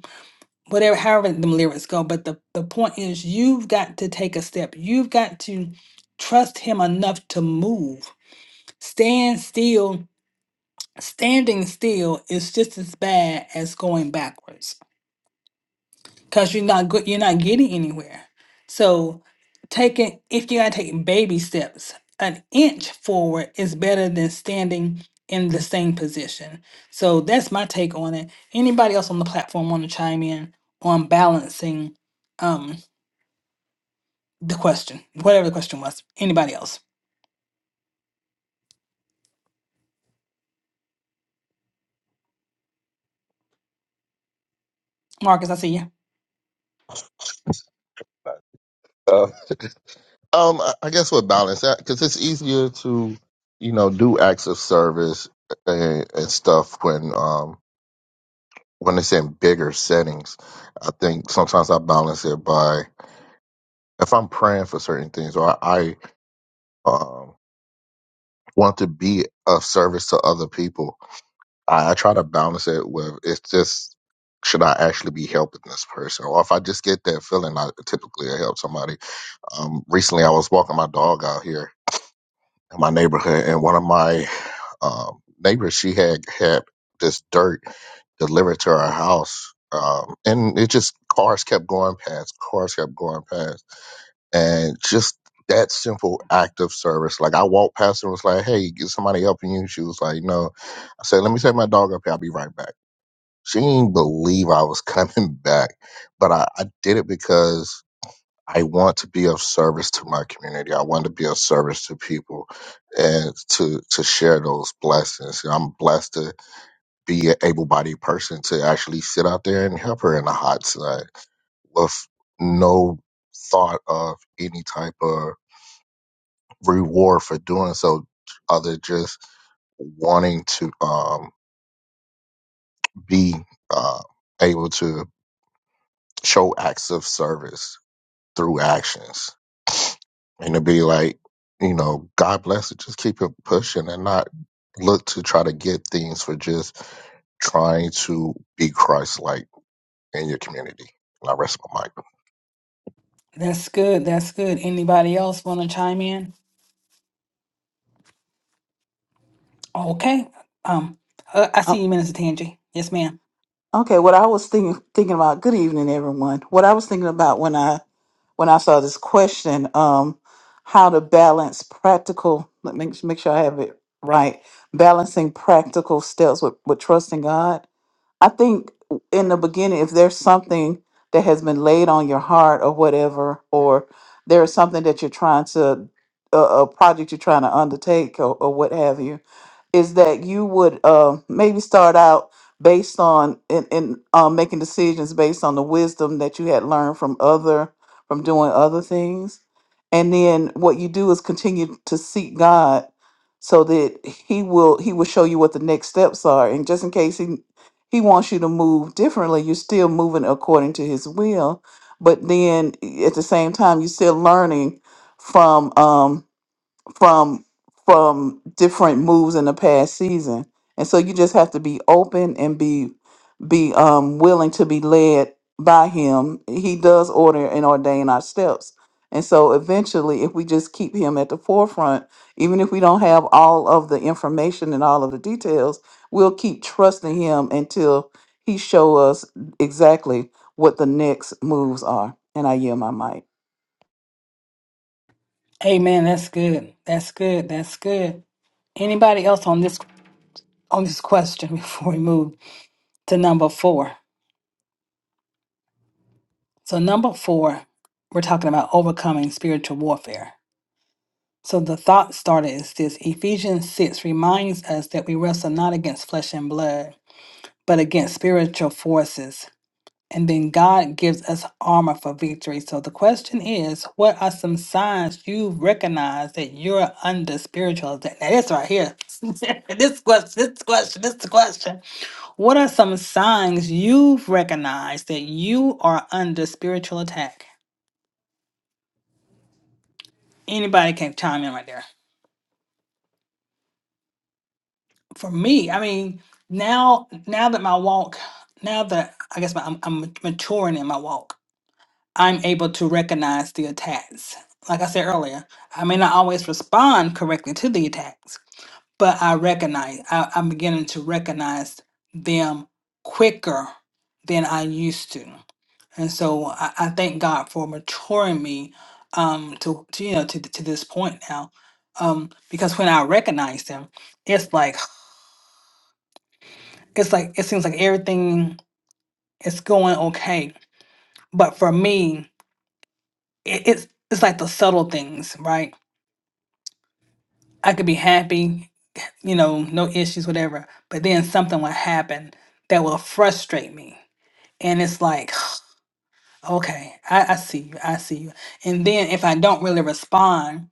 whatever however them lyrics go but the the point is you've got to take a step you've got to trust him enough to move stand still standing still is just as bad as going backwards because you're not good you're not getting anywhere so taking if you gotta take baby steps an inch forward is better than standing in the same position so that's my take on it anybody else on the platform want to chime in on balancing um the question whatever the question was anybody else marcus i see you
Uh, um, I I guess with balance that because it's easier to, you know, do acts of service and, and stuff when um when it's in bigger settings. I think sometimes I balance it by if I'm praying for certain things or I um, want to be of service to other people. I, I try to balance it with it's just should I actually be helping this person, or if I just get that feeling, I typically help somebody. Um, recently, I was walking my dog out here in my neighborhood, and one of my um, neighbors she had had this dirt delivered to her house. Um, and it just cars kept going past, cars kept going past and just that simple act of service. Like I walked past her and was like, "Hey, is somebody helping you?" She was like, "No." I said, "Let me take my dog up here. I'll be right back." She didn't believe I was coming back, but I, I did it because I want to be of service to my community. I want to be of service to people and to to share those blessings. And I'm blessed to be an able-bodied person to actually sit out there and help her in the hot sun with no thought of any type of reward for doing so other just wanting to um, be uh, able to show acts of service through actions and to be like you know god bless it just keep it pushing and not look to try to get things for just trying to be christ like in your community. And I rest my mic.
that's good that's good anybody else want to chime in okay um uh, i see
Um,
you minister tangi yes ma'am
okay, what I was thinking thinking about. Good evening, everyone. What I was thinking about when I when I saw this question, um, how to balance practical. Let me make sure I have it right. Balancing practical steps with with trusting God. I think in the beginning, if there's something that has been laid on your heart or whatever, or there is something that you're trying to, a, a project you're trying to undertake or, or what have you, is that you would uh, maybe start out based on in, in um, making decisions based on the wisdom that you had learned from other from doing other things and then what you do is continue to seek god so that he will he will show you what the next steps are and just in case he he wants you to move differently. You're still moving according to his will, but then eh, at the same time, you're still learning from. Um, from from different moves in the past season. And so you just have to be open and be be um willing to be led by him. He does order and ordain our steps. And so eventually if we just keep him at the forefront, even if we don't have all of the information and all of the details, we'll keep trusting him until he show us exactly what the next moves are. And I yield my mic.
Amen. That's good. That's good. That's good. Anybody else on this on this question before we move to number four? So number four, we're talking about overcoming spiritual warfare. So the thought starter is this Ephesians 6 reminds us that we wrestle not against flesh and blood, but against spiritual forces And then God gives us armor for victory. So the question is, what are some signs you recognize that you're under spiritual attack? Now this right here. this question, this question, this question. What are some signs you've recognized that you are under spiritual attack? Anybody can chime in right there. For me, I mean, now now that my walk, now that I guess my, I'm, I'm maturing in my walk, I'm able to recognize the attacks. Like I said earlier, I may not always respond correctly to the attacks, but I recognize, I, I'm beginning to recognize them quicker than I used to. And so I, I thank God for maturing me um, to, to, you know, to, to this point now. Um, because when I recognize them, it's like, it's like, it seems like everything is going okay. But for me, it, it's, it's like the subtle things, right? I could be happy, you know, no issues, whatever. But then something will happen that will frustrate me. And it's like, okay, I, I see you, I see you. And then if I don't really respond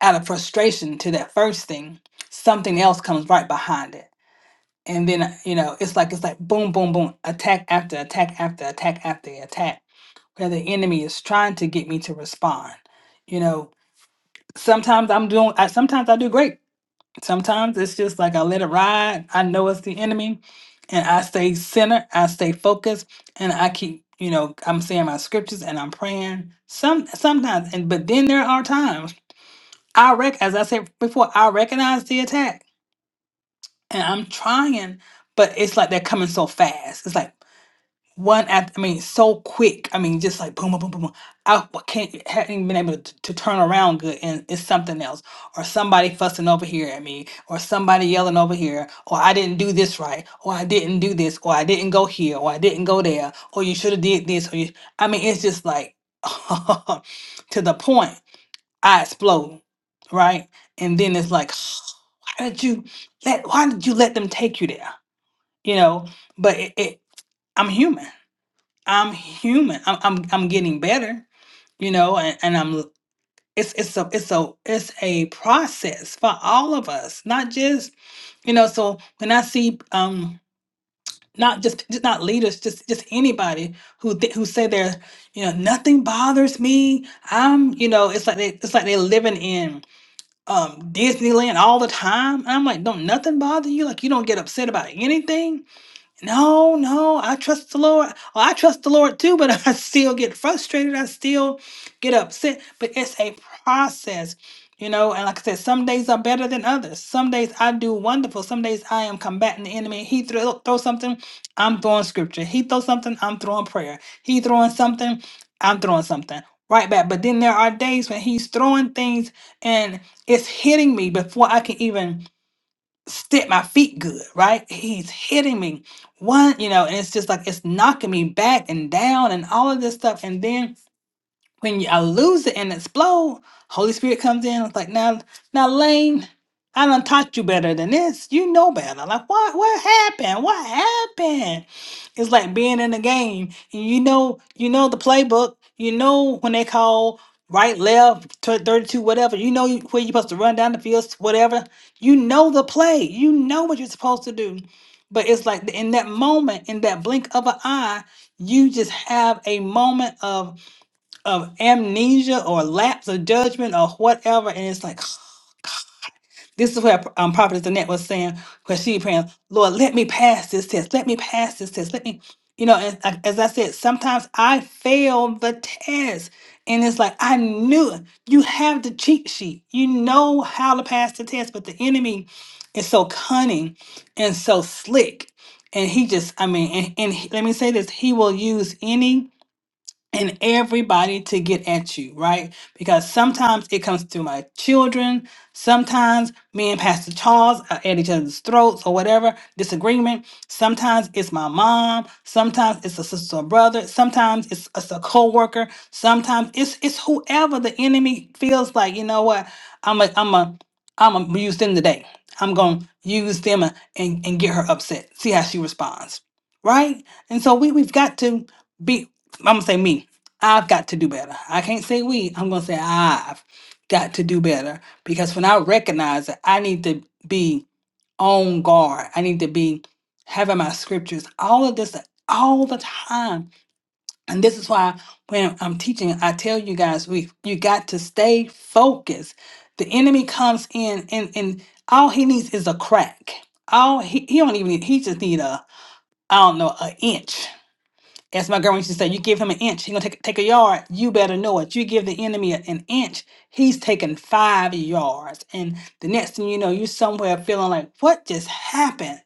out of frustration to that first thing, something else comes right behind it. And then, uh, you know, it's like, it's like boom, boom, boom, attack after attack after attack after attack, where the enemy is trying to get me to respond. You know, sometimes I'm doing, I, sometimes I do great Sometimes it's just like I let it ride. I know it's the enemy, and I stay centered. I stay focused, and I keep, you know, I'm saying my scriptures and I'm praying. Some sometimes, and but then there are times I rec, as I said before, I recognize the attack, and I'm trying, but it's like they're coming so fast. It's like one after, I mean, so quick. I mean, just like boom, boom, boom, boom. boom. I wa- can't haven't even been able to, to turn around good, and it's something else, or somebody fussing over here at me, or somebody yelling over here, or I didn't do this right, or I didn't do this, or I didn't go here, or I didn't go there, or you should have did this, or you. I mean, it's just like to the point I explode, right? And then it's like, why did you let? Why did you let them take you there? You know, but it, it I'm human I'm human. I'm I'm, I'm getting better, you know, and, and I'm it's it's a it's a it's a process for all of us, not just you know. So when I see um not just just not leaders, just just anybody who th- who say they're you know nothing bothers me. I'm you know it's like they it's like they're living in um Disneyland all the time. And I'm like, don't nothing bother you? Like you don't get upset about anything? No, no, I trust the Lord. Well, I trust the Lord too, but I still get frustrated. I still get upset. But it's a process, you know. And like I said, some days are better than others. Some days I do wonderful. Some days I am combating the enemy. He throw, throw something, I'm throwing scripture. He throw something, I'm throwing prayer. He throwing something, I'm throwing something right back. But then there are days when he's throwing things and it's hitting me before I can even step my feet good, right? He's hitting me one, you know, and it's just like it's knocking me back and down and all of this stuff. And then when you, I lose it and explode, Holy Spirit comes in. It's like now, now, Lane, I done taught you better than this. You know better. Like what? What happened? What happened? It's like being in a game, and you know, you know the playbook. You know when they call right, left, tw- thirty-two, whatever. You know where you're supposed to run down the field, whatever. You know the play. You know what you're supposed to do. But it's like in that moment, in that blink of an eye, you just have a moment of of amnesia or lapse of judgment or whatever. And it's like, this is where um, Prophetess Annette was saying, because she praying, Lord, let me pass this test. Let me pass this test. Let me, you know, and I- as I said, sometimes I fail the test. And it's like, I knew it. you have the cheat sheet. You know how to pass the test, but the enemy is so cunning and so slick. And he just, I mean, and, and he- let me say this, he will use any and everybody to get at you, right? Because sometimes it comes through my children. Sometimes me and Pastor Charles are at each other's throats or whatever, disagreement. Sometimes it's my mom. Sometimes it's a sister or brother. Sometimes it's, it's a coworker. Sometimes it's it's whoever the enemy feels like, you know what, I'm a I'm a I'm gonna use them today. I'm gonna use them and, and get her upset. See how she responds right? And so we we've got to be. I'm gonna say me. I've got to do better. I can't say we. I'm gonna say I've got to do better because when I recognize that I need to be on guard, I need to be having my scriptures, all of this all the time. And this is why when I'm teaching, I tell you guys we you got to stay focused. The enemy comes in and and all he needs is a crack. All he, he don't even need, he just need a I don't know, an inch as my girl used to say, you give him an inch, he gonna take take a yard. You better know it. You give the enemy a- an inch, he's taking five yards. And the next thing you know, you're somewhere feeling like, what just happened?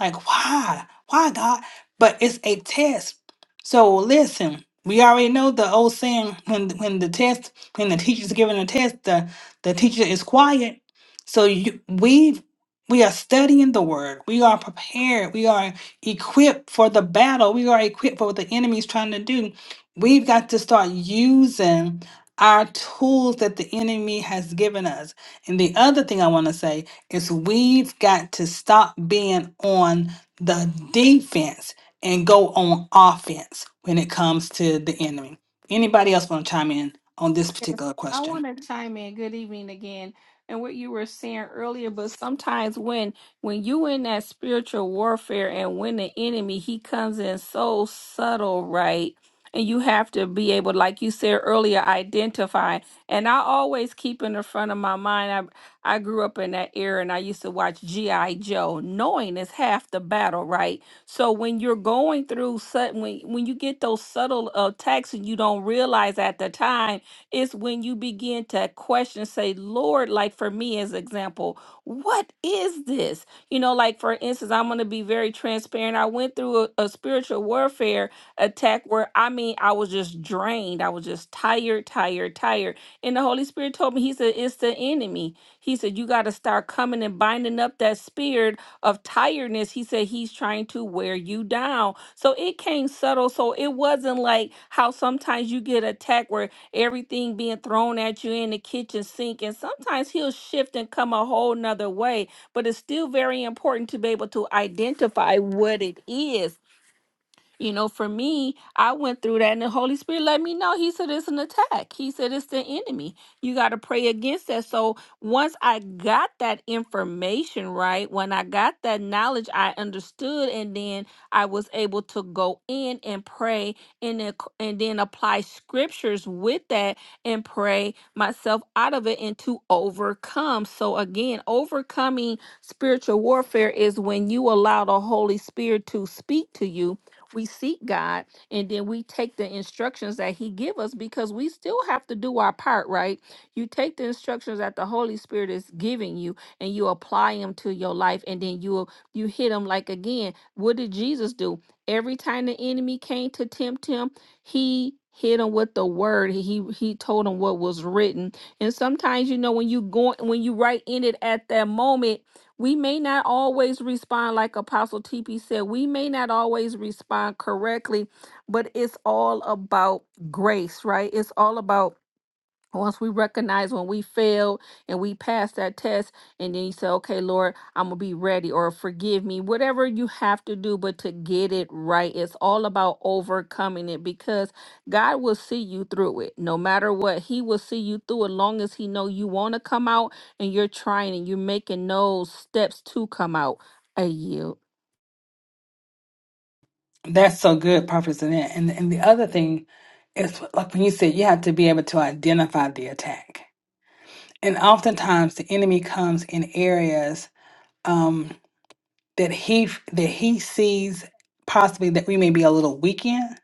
Like, why? Why God? But it's a test. So listen, we already know the old saying when when the test, when the teacher's giving a test, the, the teacher is quiet. So you we we are studying the word. We are prepared. We are equipped for the battle. We are equipped for what the enemy is trying to do. We've got to start using our tools that the enemy has given us. And the other thing I want to say is we've got to stop being on the defense and go on offense when it comes to the enemy. Anybody else want to chime in on this
Yes,
particular
I
question?
want to chime in. Good evening again. And what you were saying earlier, but sometimes when when you in that spiritual warfare and when the enemy he comes in so subtle, right? And you have to be able, like you said earlier, identify. And I always keep in the front of my mind. I I grew up in that era, and I used to watch GI Joe. Knowing is half the battle, right? So when you're going through sudden, when when you get those subtle attacks and you don't realize at the time it's when you begin to question, say, Lord, like for me as example, what is this? You know, like for instance, I'm going to be very transparent. I went through a, a spiritual warfare attack where I mean, I was just drained. I was just tired, tired, tired. And the Holy Spirit told me, He said, it's the enemy. He said, you got to start coming and binding up that spirit of tiredness, he said he's trying to wear you down. So it came subtle. So it wasn't like how sometimes you get attacked where everything being thrown at you in the kitchen sink. And sometimes he'll shift and come a whole nother way, but it's still very important to be able to identify what it is you know, for me, I went through that and the Holy Spirit let me know. He said it's an attack. He said it's the enemy. You got to pray against that. So once I got that information right, when I got that knowledge, I understood and then I was able to go in and pray and then, and then apply scriptures with that and pray myself out of it and to overcome. So again, overcoming spiritual warfare is when you allow the Holy Spirit to speak to you we seek God and then we take the instructions that he give us because we still have to do our part, right? You take the instructions that the Holy Spirit is giving you and you apply them to your life and then you you hit them like again, what did Jesus do? Every time the enemy came to tempt him, he hit him with the word. He he told him what was written. And sometimes you know when you go when you right in it at that moment we may not always respond like Apostle TP said. We may not always respond correctly, but it's all about grace, right? It's all about once we recognize when we fail and we pass that test and then you say okay lord i'm gonna be ready or forgive me whatever you have to do but to get it right it's all about overcoming it because god will see you through it no matter what he will see you through it long as he know you want to come out and you're trying and you're making those steps to come out I yield
That's so good, Prophet Zanette. And and the other thing is like when you said you have to be able to identify the attack. And oftentimes the enemy comes in areas um that he that he sees possibly that we may be a little weak in.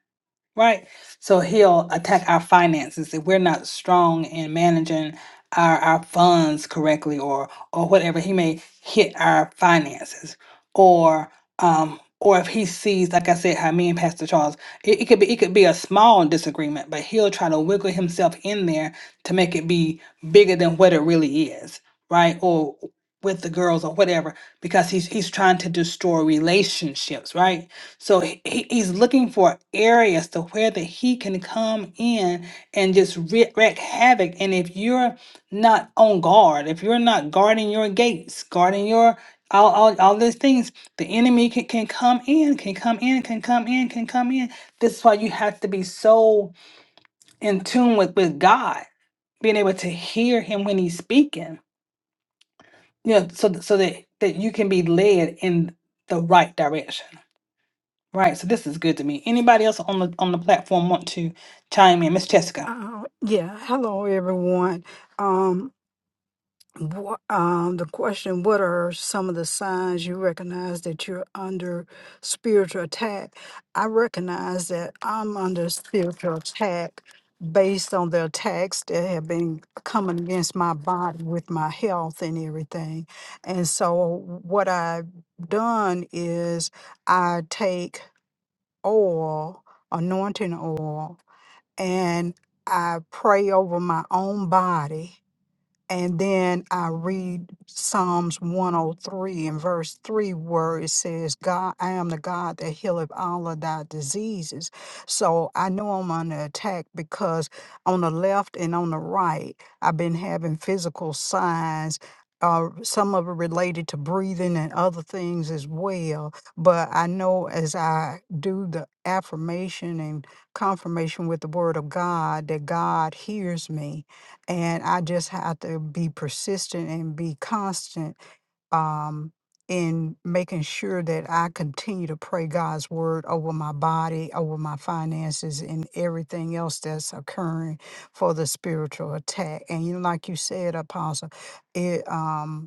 Right. So he'll attack our finances if we're not strong in managing our, our funds correctly or or whatever. He may hit our finances or um or if he sees, like I said, how me and Pastor Charles, it, it could be it could be a small disagreement, but he'll try to wiggle himself in there to make it be bigger than what it really is, right? Or with the girls or whatever, because he's he's trying to destroy relationships, right? So he, he- he's looking for areas to where that he can come in and just wreak, wreak havoc. And if you're not on guard, if you're not guarding your gates, guarding your all, all, all these things, the enemy can, can come in, can come in, can come in, can come in. This is why you have to be so in tune with, with God, being able to hear him when he's speaking, you know, so, th- so that, that you can be led in the right direction. Right. So this is good to me. Anybody else on the on the platform want to chime in? Miss Jessica.
Uh, yeah. Hello, everyone. Um, wha um, the question: What are some of the signs you recognize that you're under spiritual attack? I recognize that I'm under spiritual attack based on the attacks that have been coming against my body with my health and everything. And so, what I've done is I take oil, anointing oil and I pray over my own body and then I read Psalms 103 and verse 3, where it says, God, I am the God that healeth all of thy diseases. So I know I'm under attack because on the left and on the right, I've been having physical signs. Uh, some of it related to breathing and other things as well. But I know as I do the affirmation and confirmation with the word of God that God hears me and I just have to be persistent and be constant um, in making sure that I continue to pray God's word over my body, over my finances, and everything else that's occurring for the spiritual attack. And you, know, like you said, Apostle, it. Um,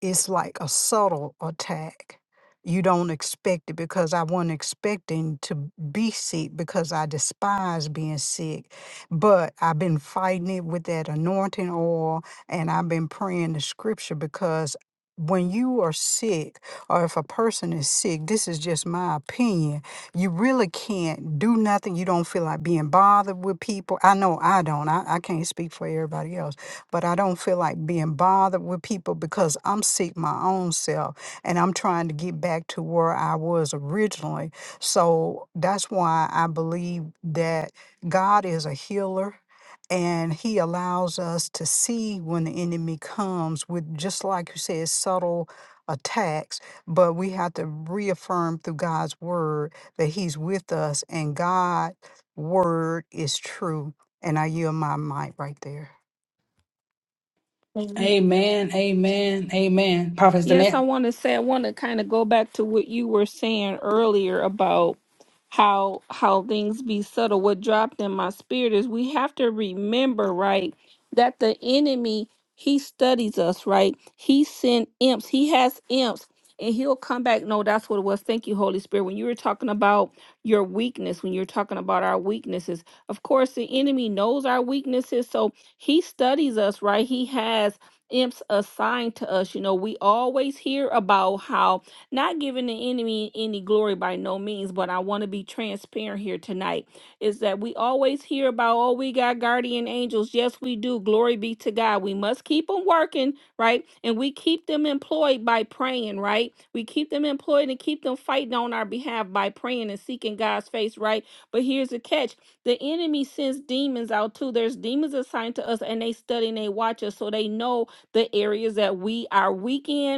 it's like a subtle attack. You don't expect it because I wasn't expecting to be sick because I despise being sick. But I've been fighting it with that anointing oil and I've been praying the scripture because when you are sick or if a person is sick, this is just my opinion, you really can't do nothing. You don't feel like being bothered with people. I know I don't. I, I can't speak for everybody else but I don't feel like being bothered with people because I'm sick my own self and I'm trying to get back to where I was originally. So that's why I believe that God is a healer and he allows us to see when the enemy comes with just like you said subtle attacks but we have to reaffirm through God's word that he's with us and God's word is true and I yield my mic right there
Amen. Amen. Amen. Prophet
Yes, I
Danette.
want to say I want to kind of go back to what you were saying earlier about how how things be subtle. What dropped in my spirit is we have to remember, right, that the enemy he studies us, right? He sent imps. He has imps. And he'll come back. No, that's what it was. Thank you, Holy Spirit. When you were talking about your weakness, when you're talking about our weaknesses, of course, the enemy knows our weaknesses. So he studies us, right? He has imps assigned to us. You know, we always hear about how not giving the enemy any glory by no means, but I want to be transparent here tonight is that we always hear about, oh, we got guardian angels. Yes, we do. Glory be to God. We must keep them working, right? And we keep them employed by praying, right? We keep them employed and keep them fighting on our behalf by praying and seeking God's face, right? But here's the catch the enemy sends demons out too. There's demons assigned to us and they study and they watch us so they know the areas that we are weak in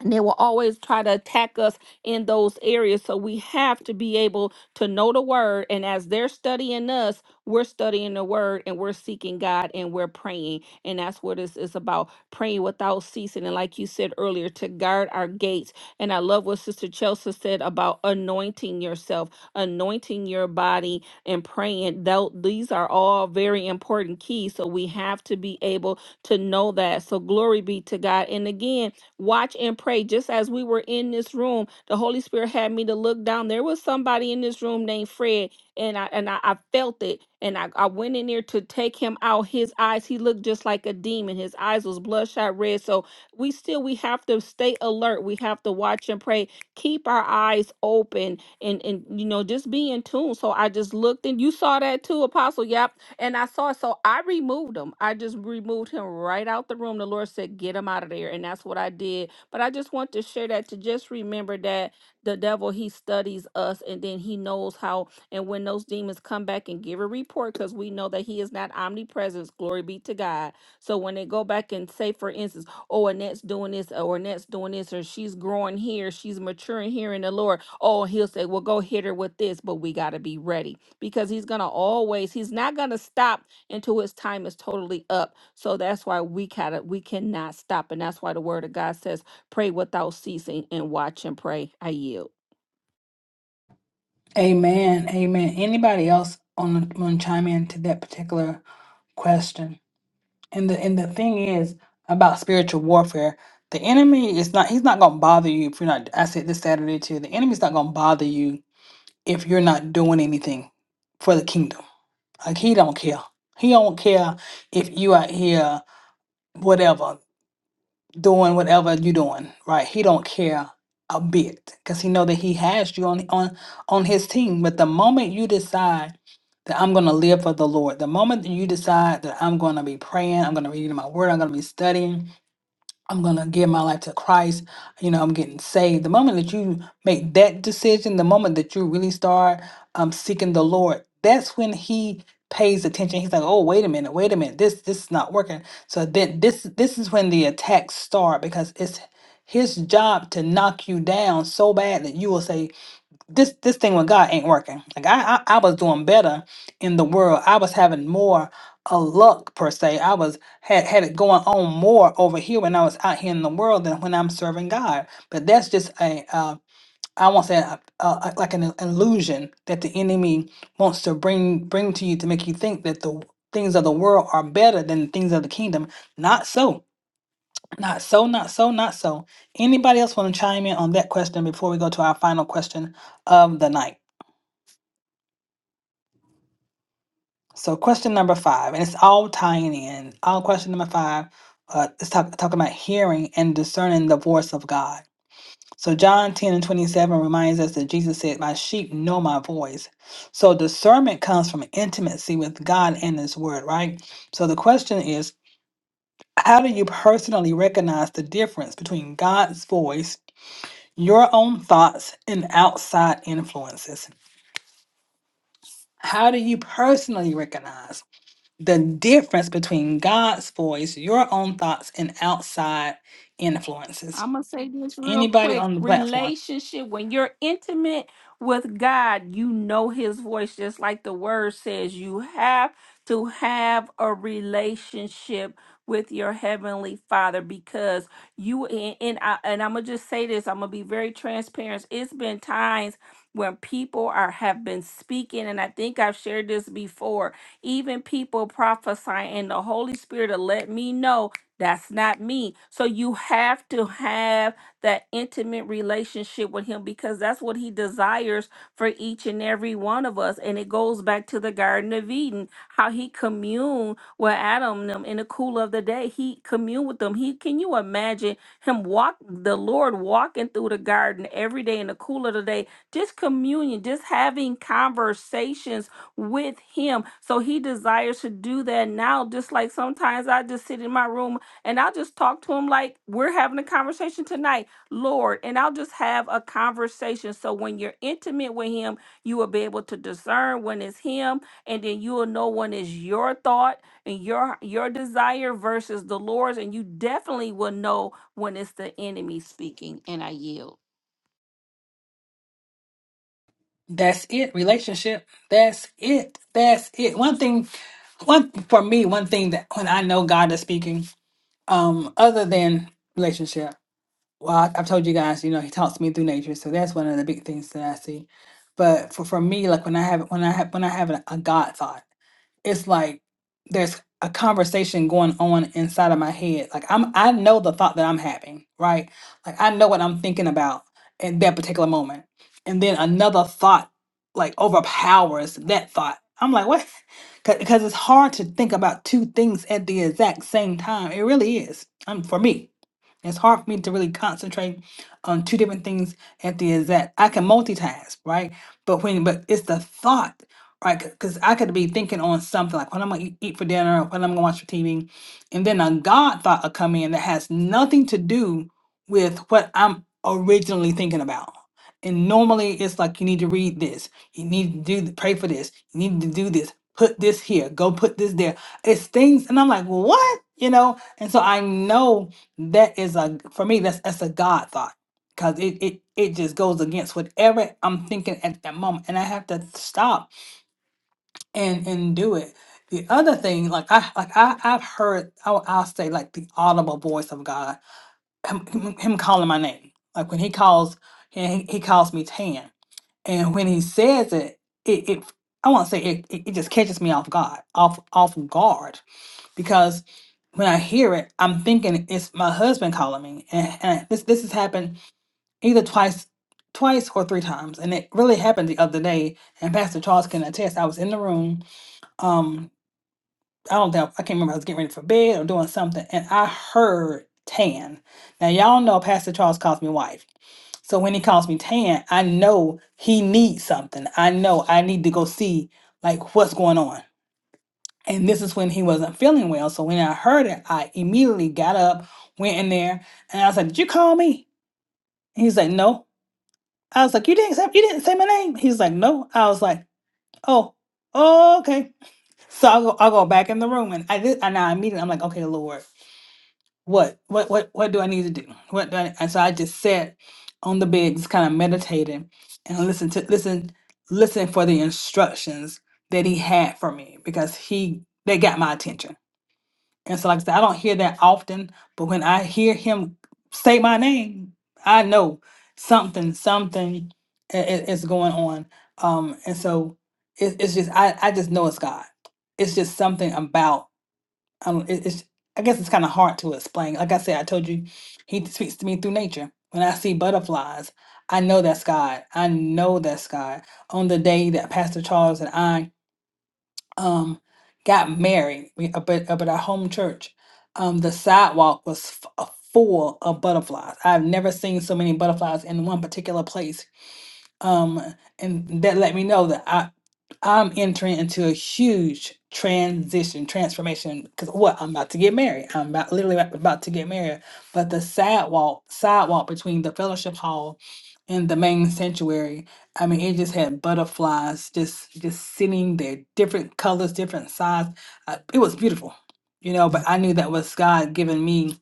and they will always try to attack us in those areas. So we have to be able to know the word. And as they're studying us, we're studying the word and we're seeking God and we're praying. And that's what it's, it's about praying without ceasing. And like you said earlier, to guard our gates. And I love what Sister Chelsea said about anointing yourself, anointing your body, and praying. Though These are all very important keys. So we have to be able to know that. So glory be to God. And again, watch and pray. Just as we were in this room, the Holy Spirit had me to look down. There was somebody in this room named Fred, and I and I, I felt it. And I, I went in there to take him out. His eyes, he looked just like a demon. His eyes was bloodshot red. So we still we have to stay alert. We have to watch and pray. Keep our eyes open and and you know just be in tune. So I just looked and you saw that too, Apostle. Yep. And I saw it. So I removed him. I just removed him right out the room. The Lord said, Get him out of there. And that's what I did. But I just want to share that to just remember that the devil, he studies us and then he knows how. And when those demons come back and give a report, because we know that he is not omnipresent, glory be to God. So when they go back and say, for instance, Oh, Annette's doing this, or Annette's doing this, or she's growing here, she's maturing here in the Lord. Oh, and he'll say, Well, go hit her with this, but we got to be ready because he's going to always, he's not going to stop until his time is totally up. So that's why we gotta, we cannot stop. And that's why the word of God says, Pray without ceasing and watch and pray. I yield.
Amen. Amen. Anybody else on the, want to chime in to that particular question? And the and the thing is about spiritual warfare, the enemy is not he's not gonna bother you if you're not I said this Saturday too, the enemy's not gonna bother you if you're not doing anything for the kingdom. Like he don't care. He don't care if you out here whatever, doing whatever you're doing, right? He don't care a bit because he know that he has you on on on his team. But the moment you decide that I'm going to live for the Lord. The moment that you decide that I'm going to be praying, I'm going to be reading my word, I'm going to be studying, I'm going to give my life to Christ. You know, I'm getting saved. The moment that you make that decision, the moment that you really start um, seeking the Lord, that's when He pays attention. He's like, "Oh, wait a minute, wait a minute. This this is not working." So then this this is when the attacks start because it's his job to knock you down so bad that you will say this this thing with God ain't working. Like I, I I was doing better in the world. I was having more a luck per se. I was had had it going on more over here when I was out here in the world than when I'm serving God. But that's just a uh, I won't say a, a, a- like an illusion that the enemy wants to bring bring to you to make you think that the things of the world are better than the things of the kingdom. Not so. Not so. Not so. Not so. Anybody else want to chime in on that question before we go to our final question of the night? So, question number five, and it's all tying in. All question number five uh, is talk, talking about hearing and discerning the voice of God. So, John 10 and 27 reminds us that Jesus said, My sheep know my voice. So, discernment comes from intimacy with God and His Word, right? So, the question is, how do you personally recognize the difference between God's voice, your own thoughts, and outside influences? How do you personally recognize? the difference between God's voice, your own thoughts, and outside influences.
I'm gonna say this real
Anybody
quick.
on the platform.
Relationship, when you're intimate with God, you know his voice, just like the word says, you have to have a relationship with your heavenly father because you and, and I and I'm gonna just say this, I'm gonna be very transparent. It's been times when people are have been speaking, and I think I've shared this before, even people prophesying, and the Holy Spirit will let me know that's not me. So you have to have that intimate relationship with him because that's what he desires for each and every one of us. And it goes back to the Garden of Eden, how he communed with Adam and them in the cool of the day. He communed with them. He can you imagine him walk the Lord walking through the garden every day in the cool of the day, just communion, just having conversations with him. So he desires to do that now, just like sometimes I just sit in my room and I'll just talk to him like we're having a conversation tonight, Lord. And I'll just have a conversation. So when you're intimate with him, you will be able to discern when it's him, and then you will know when it's your thought and your your desire versus the Lord's, and you definitely will know when it's the enemy speaking. And I yield.
That's it. Relationship. That's it. That's it. One thing, one for me, one thing that when I know God is speaking, um, other than relationship. Well, I, I've told you guys, you know, He talks to me through nature, so that's one of the big things that I see. But for, for me, like when I have when I have when I have a, a God thought. it's like there's a conversation going on inside of my head. Like I'm I know the thought that I'm having, right? Like I know what I'm thinking about at that particular moment. And then another thought like overpowers that thought. I'm like, what? Because it's hard to think about two things at the exact same time. It really is. Um, for me, it's hard for me to really concentrate on two different things at the exact. I can multitask, right? But when, but it's the thought right? Because I could be thinking on something like what I'm gonna eat eat for dinner, or what I'm gonna watch for TV, and then a God thought will come in that has nothing to do with what I'm originally thinking about. And normally it's like you need to read this, you need to do th- pray for this, you need to do this, put this here, go put this there. It's things, and I'm like, "Well, what? You know, and so I know that is a for me that's that's a God thought because it it it just goes against whatever I'm thinking at that moment, and I have to stop and and do it. The other thing, like I like I I've heard I'll, I'll say like the audible voice of God, him, him him calling my name. Like when he calls, and he, he calls me Tan, and when he says it, it, it I won't say it, it it just catches me off guard, off off guard because when I hear it, I'm thinking it's my husband calling me, and, and this this has happened either twice. Twice or three times, and it really happened the other day. And Pastor Charles can attest. I was in the room, um, I don't know. I can't remember. I was getting ready for bed or doing something, and I heard Tan. Now y'all know Pastor Charles calls me wife. So when he calls me Tan, I know he needs something. I know I need to go see like what's going on. And this is when he wasn't feeling well. So when I heard it, I immediately got up, went in there, and I was like, "Did you call me?" And he's like, "No." I was like, "You didn't say you didn't say my name." He's like, "No." I was like, "Oh, okay." So I go I go back in the room, and I did, and I immediately I'm like, "Okay, Lord." what what what what do I need to do? What do I, and so I just sat on the bed, just kind of meditating and listen to listen listen for the instructions that he had for me because he they got my attention. And so like I said, I don't hear that often, but when I hear him say my name, I know something something i- i- is going on. Um, and so it, it's just I I just know it's God. It's just something about. I don't. It, it's. I guess it's kind of hard to explain. Like I said, I told you, he speaks to me through nature. When I see butterflies, I know that's God. I know that's God. On the day that Pastor Charles and I um got married, we up at, up at our home church, um the sidewalk was f- uh, full of butterflies. I've never seen so many butterflies in one particular place um, and that let me know that I I'm entering into a huge transition, transformation. Because what I'm about to get married, I'm about literally about about to get married. But the sidewalk, sidewalk between the fellowship hall and the main sanctuary, I mean, it just had butterflies just just sitting there, different colors, different size. Uh, it was beautiful, you know. But I knew that was God giving me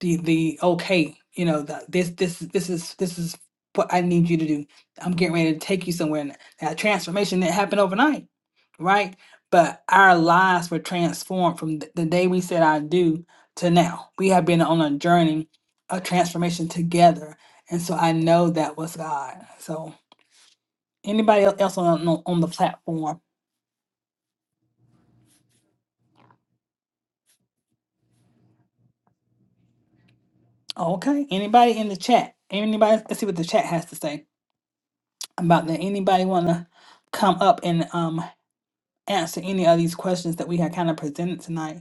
the the okay, you know, that this this this is this is what I need you to do I'm getting ready to take you somewhere. And that transformation didn't happen overnight, right? But our lives were transformed from th- the day we said I do to now. We have been on a journey of transformation together. And so I know that was God. So anybody el- else on, on, on the platform? Okay. Anybody in the chat? Anybody? Let's see what the chat has to say about that. Anybody want to come up and um, answer any of these questions that we had kind of presented tonight?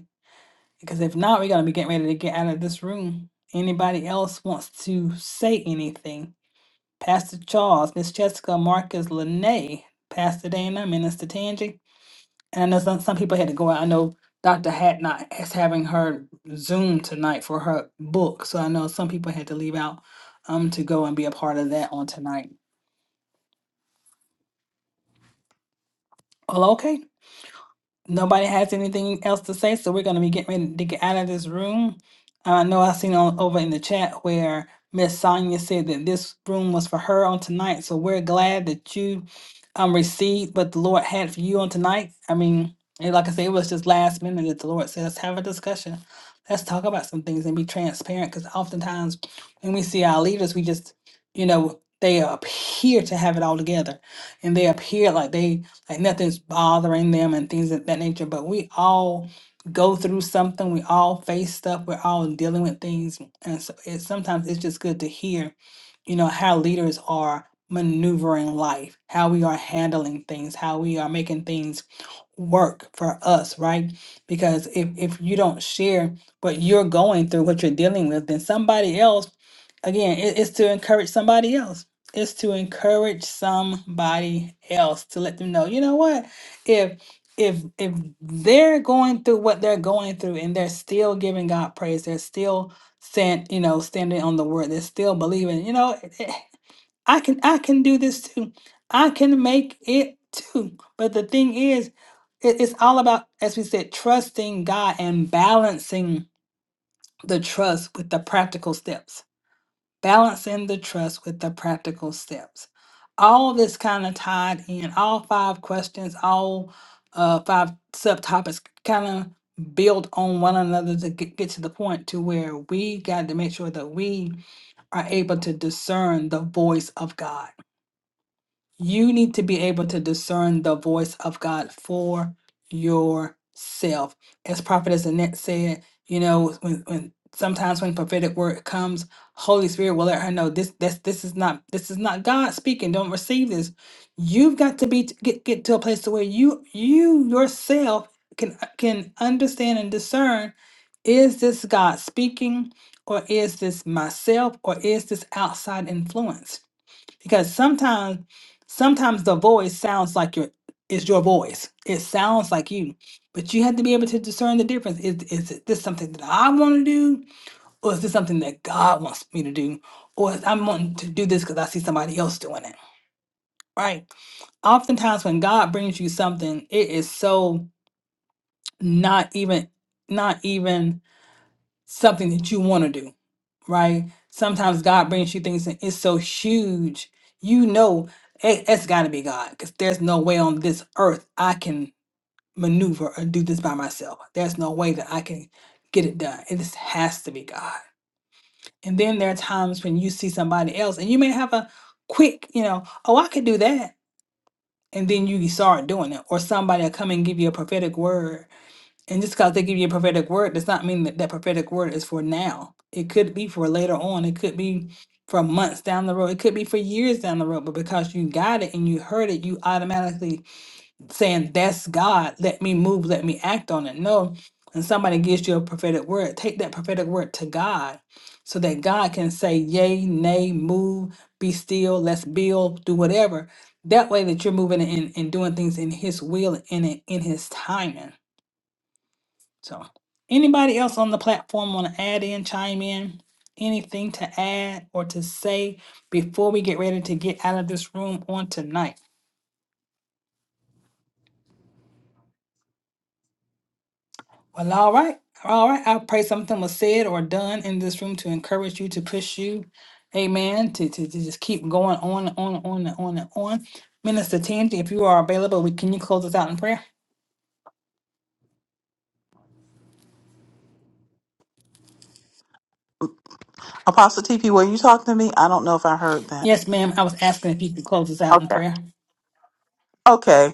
Because if not, we're going to be getting ready to get out of this room. Anybody else wants to say anything? Pastor Charles, Miss Jessica, Marcus, Lene, Pastor Dana, Minister Tangi. And I know some, some people had to go out. I know Dr. Hatnot is having her Zoom tonight for her book. So I know some people had to leave out um, to go and be a part of that on tonight. Well, okay. nobody has anything else to say, so we're gonna be getting ready to get out of this room. I know I seen on over in the chat where Miss Sonia said that this room was for her on tonight, so we're glad that you um received what the Lord had for you on tonight. I mean, and like I said, it was just last minute that the Lord said, let's have a discussion. Let's talk about some things and be transparent because oftentimes when we see our leaders, we just, you know, they appear to have it all together and they appear like they like nothing's bothering them and things of that nature. But we all go through something. We all face stuff. We're all dealing with things, and so it's sometimes it's just good to hear, you know, how leaders are maneuvering life, how we are handling things, how we are making things work for us, right? Because if if you don't share what you're going through, what you're dealing with, then somebody else again it- it's to encourage somebody else is to encourage somebody else to let them know you know what if if if they're going through what they're going through and they're still giving god praise they're still stand you know standing on the word they're still believing you know "Eh, eh, i can i can do this too i can make it too but the thing is it- it's all about as we said trusting god and balancing the trust with the practical steps balancing the trust with the practical steps. All this kind of tied in, all five questions, all uh, five subtopics kind of build on one another to get, get to the point to where we got to make sure that we are able to discern the voice of God you need to be able to discern the voice of God for yourself. As Prophet Annette said, you know, when, when sometimes when prophetic word comes, Holy Spirit will let her know this this this is not this is not God speaking. Don't receive this. You've got to be get get to a place to where you you yourself can can understand and discern is this God speaking or is this myself or is this outside influence? because sometimes sometimes the voice sounds like your is your voice it sounds like you but you have to be able to discern the difference is, is this something that i want to do or is this something that god wants me to do or is i'm wanting to do this because i see somebody else doing it right oftentimes when god brings you something it is so not even not even something that you want to do, right? Sometimes God brings you things and it's so huge, you know, it, it's got to be God because there's no way on this earth I can maneuver or do this by myself. There's no way that I can get it done. It just has to be God. And then there are times when you see somebody else and you may have a quick, you know, oh, I could do that. And then you start doing it, or somebody will come and give you a prophetic word and just because they give you a prophetic word does not mean that that prophetic word is for now. It could be for later on. It could be for months down the road. It could be for years down the road. But because you got it and you heard it, you automatically saying, That's God. Let me move. Let me act on it. No. When somebody gives you a prophetic word, take that prophetic word to God so that God can say, Yay, nay, move, be still, let's build, do whatever. That way that you're moving and, and doing things in His will and in, in His timing. So, anybody else on the platform want to add in, chime in, anything to add or to say before we get ready to get out of this room on tonight? Well, all right. All right. I pray something was said or done in this room to encourage you, to push you. Amen. To, to, to just keep going on and on and on and on and on. Minister Tangi, if you are available, we, can you close us out in prayer?
Apostle TP, were you talking to me? I don't know if I heard that.
Yes, ma'am. I was asking if you could close us out in
Okay.
prayer.
Okay.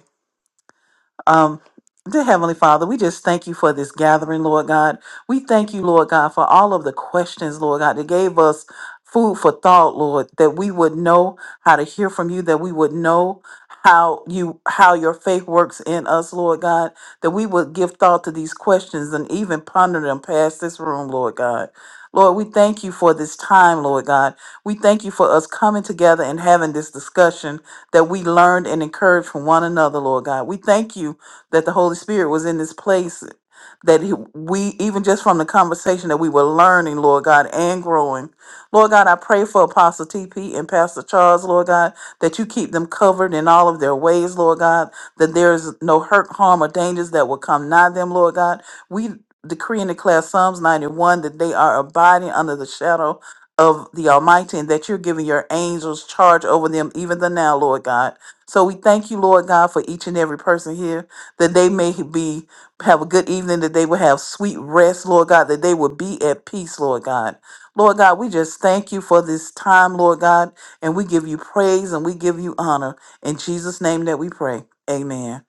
Um, dear Heavenly Father, we just thank you for this gathering, Lord God. We thank you, Lord God, for all of the questions, Lord God, that gave us food for thought, Lord, that we would know how to hear from you, that we would know how you how your faith works in us, Lord God, that we would give thought to these questions and even ponder them past this room, Lord God. Lord, we thank you for this time, Lord God. We thank you for us coming together and having this discussion that we learned and encouraged from one another, Lord God. We thank you that the Holy Spirit was in this place that he, we even just from the conversation that we were learning, Lord God, and growing. Lord God, I pray for Apostle TP and Pastor Charles, Lord God, that you keep them covered in all of their ways, Lord God, that there is no hurt, harm, or dangers that will come nigh them, Lord God. We decree and declare Psalms 91 that they are abiding under the shadow of the Almighty and that you're giving your angels charge over them even the now, Lord God. So we thank you, Lord God, for each and every person here that they may be have a good evening, that they will have sweet rest, Lord God, that they will be at peace, Lord God. Lord God, we just thank you for this time, Lord God, and we give you praise and we give you honor. In Jesus' name that we pray. Amen.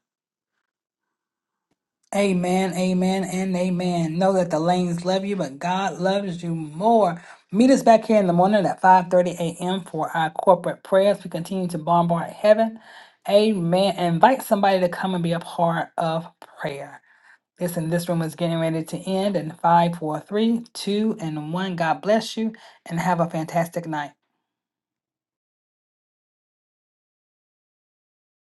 Amen, amen, and amen. Know that the lanes love you, but God loves you more. Meet us back here in the morning at 5.30 a.m. for our corporate prayers. We continue to bombard heaven. Amen. Invite somebody to come and be a part of prayer. Listen, this room is getting ready to end in five, four, three, two, and 1. God bless you and have a fantastic night.